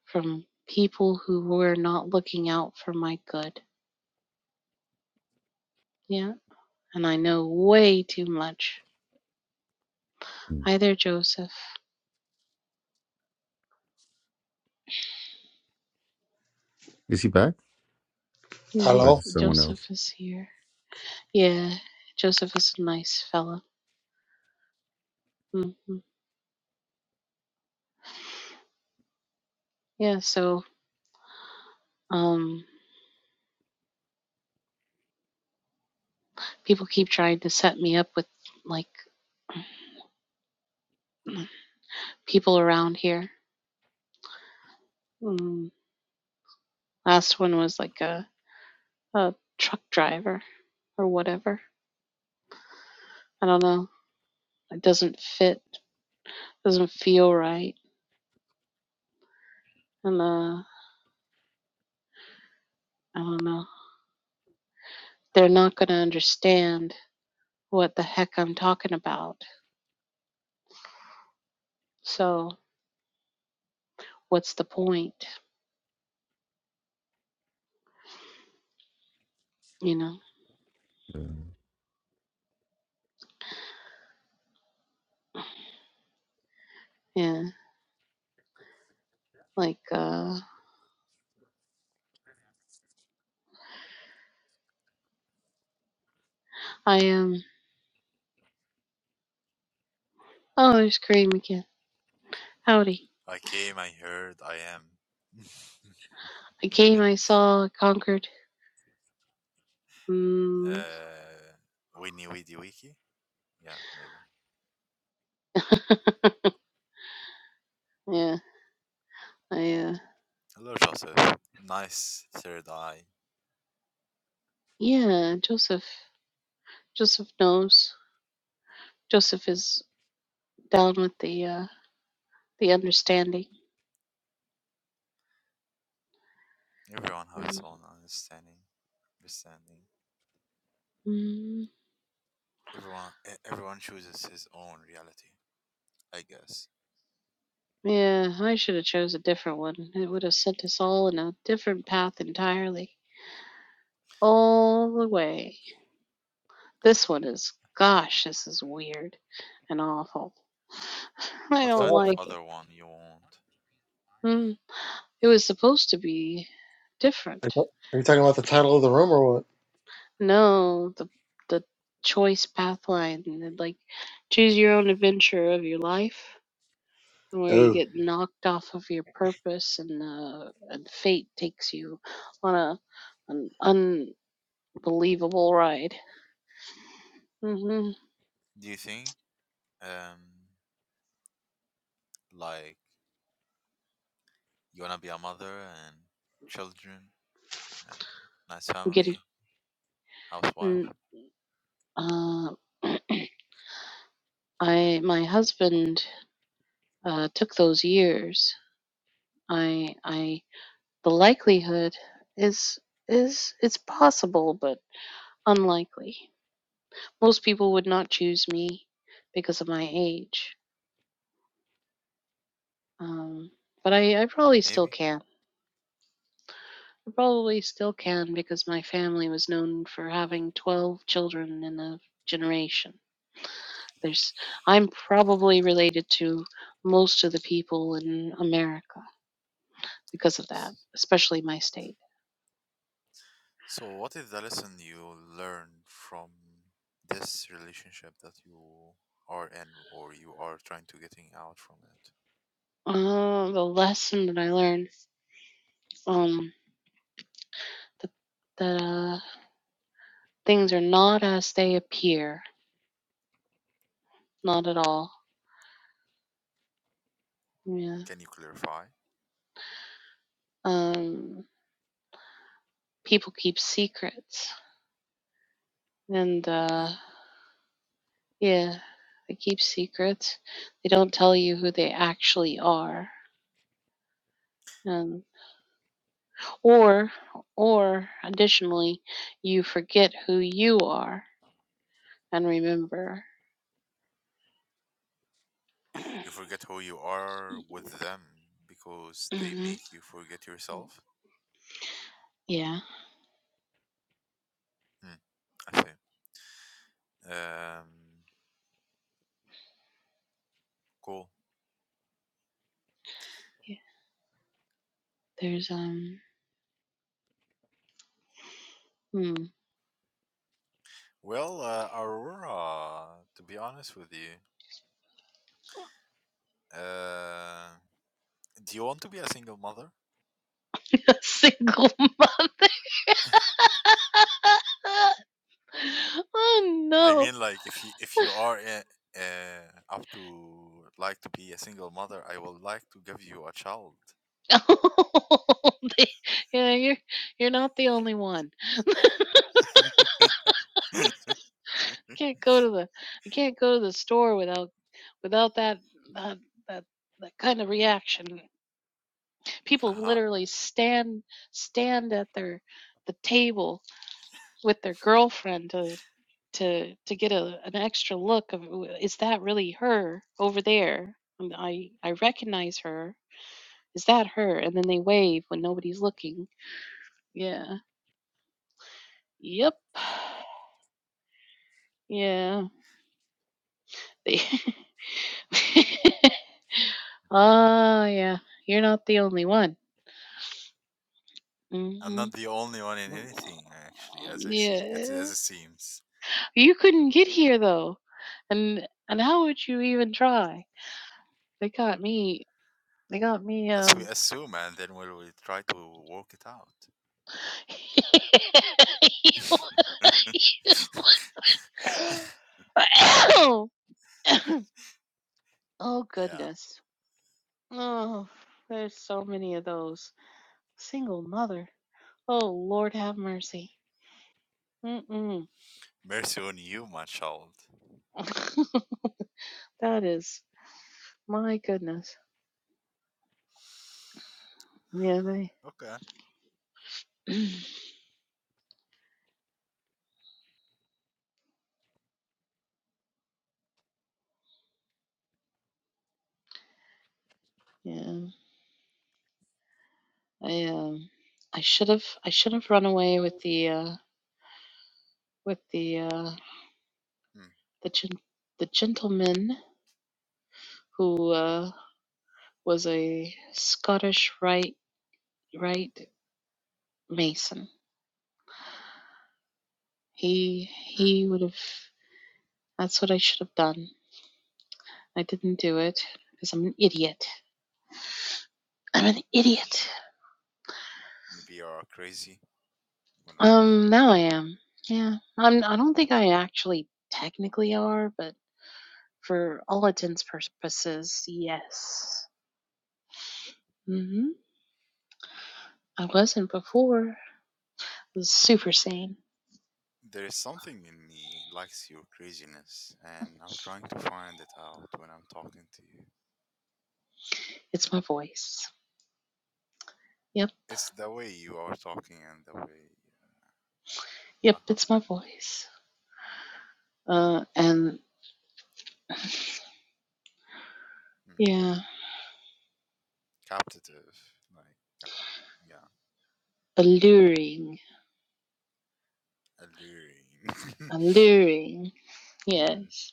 Speaker 5: from people who were not looking out for my good. Yeah. And I know way too much.
Speaker 7: Mm.
Speaker 5: Hi there, Joseph.
Speaker 7: Is he back? Or is
Speaker 8: Hello.
Speaker 7: it someone
Speaker 5: Joseph
Speaker 7: else?
Speaker 5: is here. Yeah. Joseph is a nice fella. hmm Yeah. So, um, people keep trying to set me up with like people around here. Mm. Last one was like a a truck driver or whatever. I don't know. It doesn't fit. It Doesn't feel right. And uh, I don't know. They're not going to understand what the heck I'm talking about. So what's the point? You know? Yeah. Like uh, I am. Um, Oh, there's Kareem again. Howdy.
Speaker 6: I came, I heard, I am. (laughs)
Speaker 5: I came. I saw. I conquered. Mm,
Speaker 6: Uh, Winnie (laughs) Weedy Wiki. Yeah, maybe.
Speaker 5: yeah. I. Uh,
Speaker 6: A lot of Joseph. Nice third eye.
Speaker 5: yeah. Joseph. Joseph knows. Joseph is down with the uh, the
Speaker 6: Mm.
Speaker 5: understanding
Speaker 6: Everyone has his own understanding. Understanding.
Speaker 5: Mhm.
Speaker 6: Everyone. e- Everyone chooses his own reality. I guess.
Speaker 5: Yeah, I should have chose a different one. It would have sent us all in a different path entirely. All the way. This one is, gosh, this is weird and awful. (laughs) I
Speaker 6: What
Speaker 8: What
Speaker 5: don't
Speaker 6: kind of
Speaker 8: happened?
Speaker 5: like it.
Speaker 6: other one you want?
Speaker 5: Mm. It was supposed to be
Speaker 8: Are you
Speaker 5: different.
Speaker 8: ta- are you talking about the title of the room or what?
Speaker 5: No, the the choice path line, like choose your own adventure of your life. where you
Speaker 8: Oh.
Speaker 5: get knocked off of your purpose and uh, and fate takes you on a an unbelievable ride. hmm
Speaker 6: Do you think? Um, like you wanna be a mother and children and nice
Speaker 5: I'm getting
Speaker 6: family, housewife,
Speaker 5: mm, uh, (clears throat) I my husband uh, took those years. I I the likelihood is is it's possible but unlikely. Most people would not choose me because of my age, um, but I I probably still
Speaker 6: maybe.
Speaker 5: can. I probably still can because my family was known for having 12 children in a generation. There's, I'm probably related to most of the people in America because of that, especially my state.
Speaker 6: So, what is the lesson you learned from this relationship that you are in or you are trying to getting out from it?
Speaker 5: Uh, the lesson that I learned, um, that, that uh, things are not as they appear, not at all. Yeah.
Speaker 6: Can you clarify?
Speaker 5: Um, people keep secrets, and uh,
Speaker 6: Mm,
Speaker 5: Yeah, they keep secrets. They don't tell you who they actually are. And
Speaker 6: uh-huh.
Speaker 5: or or additionally, you forget who you are and remember. (clears throat)
Speaker 6: You forget who you are with them because they
Speaker 5: hmm
Speaker 6: make you forget yourself.
Speaker 5: Yeah.
Speaker 6: Mm, I see. Um, cool.
Speaker 5: yeah. There's um hmm.
Speaker 6: Well, uh, Aurora, to be honest with you, uh, do you want to be a single mother?
Speaker 5: (laughs) a single mother.
Speaker 6: (laughs)
Speaker 5: (laughs) oh
Speaker 6: I
Speaker 5: no.
Speaker 6: mean, like if you if you are uh, uh, up to like to be a single mother, I would like to give you a child.
Speaker 5: (laughs) They- yeah, you're you're not the only one. can't go to the I can't go to the store without without that that that, that kind of reaction.
Speaker 6: Uh
Speaker 5: People
Speaker 6: huh.
Speaker 5: literally stand stand at their the table with their girlfriend to to to get a, an extra look of is that really her over there? And I I recognize her. Is that her? And then they wave when nobody's looking. Yeah. Yep. (sighs) Yeah. (laughs) They- oh yeah. You're not the only one.
Speaker 6: I'm
Speaker 5: Mhm.
Speaker 6: not the only one in anything, actually, as I see it,
Speaker 5: Yeah.
Speaker 6: as it seems.
Speaker 5: You couldn't get here though. And and how would you even try? They got me they got me
Speaker 6: As we
Speaker 5: um
Speaker 6: assume, and then we will try to work it out.
Speaker 5: (coughs)
Speaker 6: (laughs)
Speaker 5: (laughs) Oh
Speaker 6: yeah.
Speaker 5: goodness. Oh there's so many of those. Single mother. Oh Lord have mercy. Mm mm.
Speaker 6: Mercy on you, my child.
Speaker 5: (laughs) that is my goodness. Yeah, they
Speaker 6: Okay.
Speaker 5: (clears throat) yeah. I um I should have I should have run away with the uh with the uh
Speaker 6: Mm,
Speaker 5: the gen- the gentleman who uh was a Scottish right right mason. He
Speaker 6: mm.
Speaker 5: he would have that's what I should have done. I didn't do it because I'm an idiot. I'm an idiot.
Speaker 6: Maybe you are crazy. Who knows?
Speaker 5: Um now I am. Yeah. I'm I don't think I actually technically are, but for all intents purposes, yes. mm-hmm. I wasn't before. I was super sane.
Speaker 6: There is something in me likes your craziness, and I'm trying to find it out when I'm talking to you.
Speaker 5: It's my voice. Yep.
Speaker 6: It's the way you are talking and the way,
Speaker 5: Yep,
Speaker 6: uh huh,
Speaker 5: it's my voice. Uh and
Speaker 6: mm,
Speaker 5: yeah.
Speaker 6: captivative, like, cap- yeah,
Speaker 5: Alluring.
Speaker 6: alluring. (laughs)
Speaker 5: Alluring.
Speaker 6: Hmm.
Speaker 5: Yes.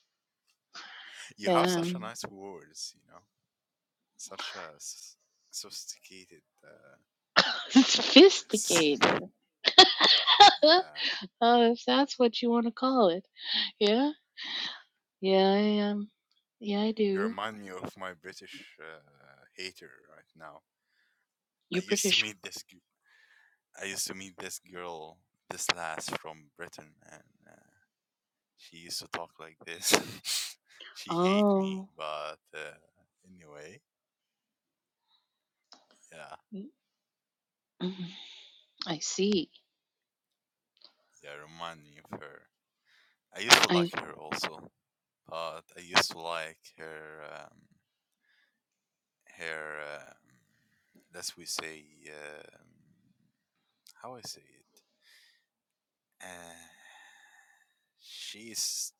Speaker 6: You have
Speaker 5: Yeah.
Speaker 6: such a nice words, you know, such a s- sophisticated uh,
Speaker 5: (laughs)
Speaker 6: words.
Speaker 5: Sophisticated. (laughs)
Speaker 6: Yeah,
Speaker 5: oh, if that's what you want to call it. Yeah? Yeah, I am. Yeah, I
Speaker 6: you
Speaker 5: do.
Speaker 6: remind me of my British uh, hater right now. I
Speaker 5: You're
Speaker 6: used to
Speaker 5: British.
Speaker 6: meet this I used to meet this girl, this lass from Britain, and uh, she used to talk like this. (laughs) she hate me,
Speaker 5: Oh.
Speaker 6: but uh, anyway, yeah,
Speaker 5: mm, I see.
Speaker 6: yeah, remind me of her. I used to
Speaker 5: I
Speaker 6: like her also, but I used to like her, um, her, um, let's we say, um, how I say it. Uh, she's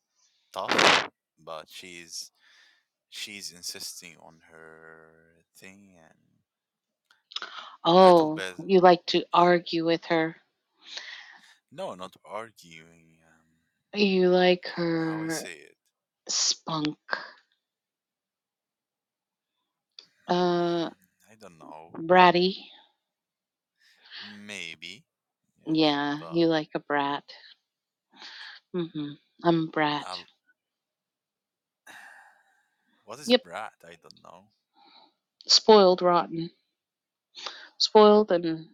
Speaker 6: tough, but she's she's insisting on her thing and a little
Speaker 5: oh,
Speaker 6: bit.
Speaker 5: you like to argue with her.
Speaker 6: No, not arguing. Um,
Speaker 5: You like
Speaker 6: how I
Speaker 5: her
Speaker 6: say it?
Speaker 5: Spunk. Uh,
Speaker 6: Mm, I don't know.
Speaker 5: bratty.
Speaker 6: Maybe. Yes,
Speaker 5: Yeah, you
Speaker 6: but
Speaker 5: like a brat. Mm-hmm. I'm a brat.
Speaker 6: I'll, (sighs) what is
Speaker 5: Yep.
Speaker 6: brat? I don't know.
Speaker 5: Spoiled, rotten, spoiled, and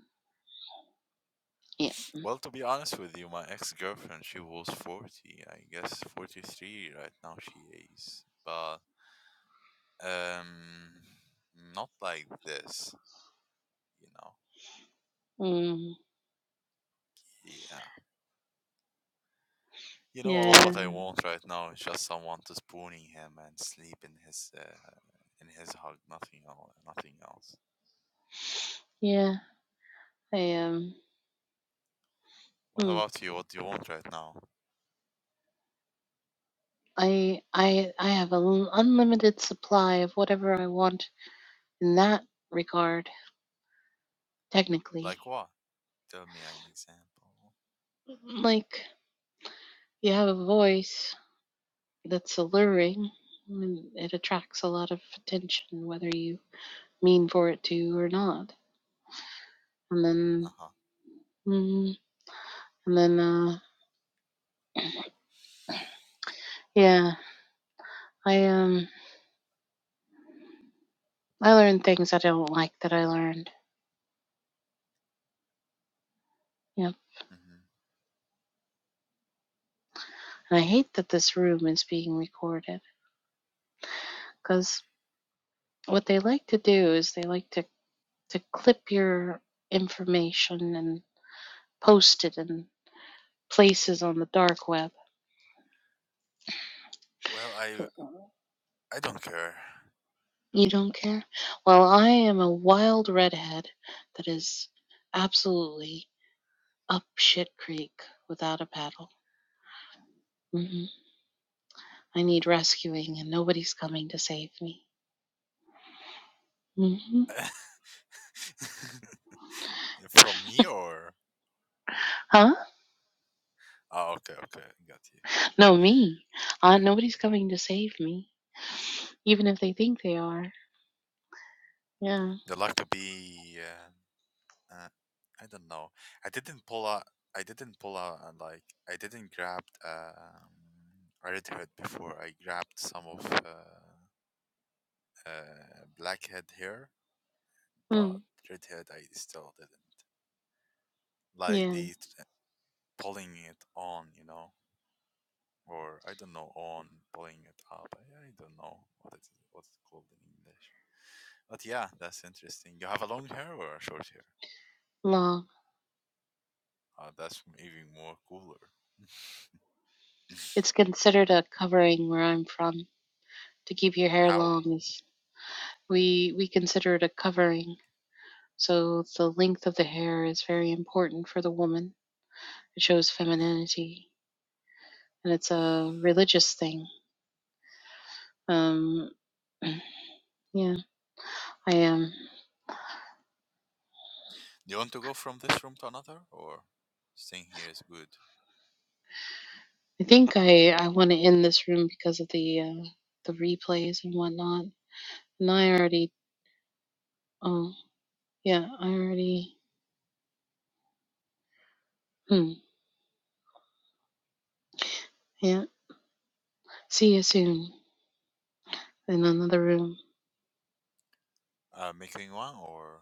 Speaker 5: yeah.
Speaker 6: Well, to be honest with you, my ex-girlfriend, she was 40, I guess 43 right now she is. But um not like this, you know.
Speaker 5: Mm,
Speaker 6: Yeah. You know, all of
Speaker 5: yeah.
Speaker 6: what I want right now is just someone to spooning him and sleep in his uh, in his hug. Nothing else. Nothing else.
Speaker 5: Yeah. I am.
Speaker 6: What
Speaker 5: Hmm.
Speaker 6: about you? What do you want right now?
Speaker 5: I I I have an unlimited supply of whatever I want in that regard. Technically,
Speaker 6: Like what? Tell me an example.
Speaker 5: like you have a voice that's alluring. and It attracts a lot of attention, whether you mean for it to or not and
Speaker 6: Uh
Speaker 5: then
Speaker 6: huh.
Speaker 5: mm, and then uh yeah i um i learned things i don't like that i learned yep
Speaker 6: hmm
Speaker 5: and i hate that this room is being recorded because what they like to do is they like to to clip your information and post it in places on the dark web
Speaker 6: Well, I I don't care.
Speaker 5: you don't care well i am a wild redhead that is absolutely up shit creek without a paddle Mm-hmm. I need rescuing and nobody's coming to save me. hmm
Speaker 6: Mm. (laughs) From me or?
Speaker 5: Huh?
Speaker 6: Oh, okay, okay, got you.
Speaker 5: No, me. Uh, nobody's coming to save me, even if they think they are. Yeah.
Speaker 6: They like to be. uh, uh, I don't know. I didn't pull out. I didn't pull out and like I didn't grab um, red hood before. I grabbed some of uh, uh, blackhead here, but
Speaker 5: Mm.
Speaker 6: red hood I still didn't. Like
Speaker 5: Yeah.
Speaker 6: the t- pulling it on, you know, or I don't know, on pulling it up. I, I don't know what it's what it's called in English. But yeah, that's interesting. You have a long hair or a short hair?
Speaker 5: Long.
Speaker 6: Uh, that's even more cooler. (laughs)
Speaker 5: It's considered a covering where I'm from. To keep your hair
Speaker 6: How?
Speaker 5: long is we we consider it a covering. So the length of the hair is very important for the woman. It shows
Speaker 6: Hmm.
Speaker 5: femininity, and it's a religious thing. Um. (clears throat) Yeah. I am. Um,
Speaker 6: Do you want to go from this room to another, or staying here is good?
Speaker 5: I think I I want to end this room because of the uh, the replays and whatnot. And I already oh yeah I already hmm yeah. See you soon in another room.
Speaker 6: Uh, making one, or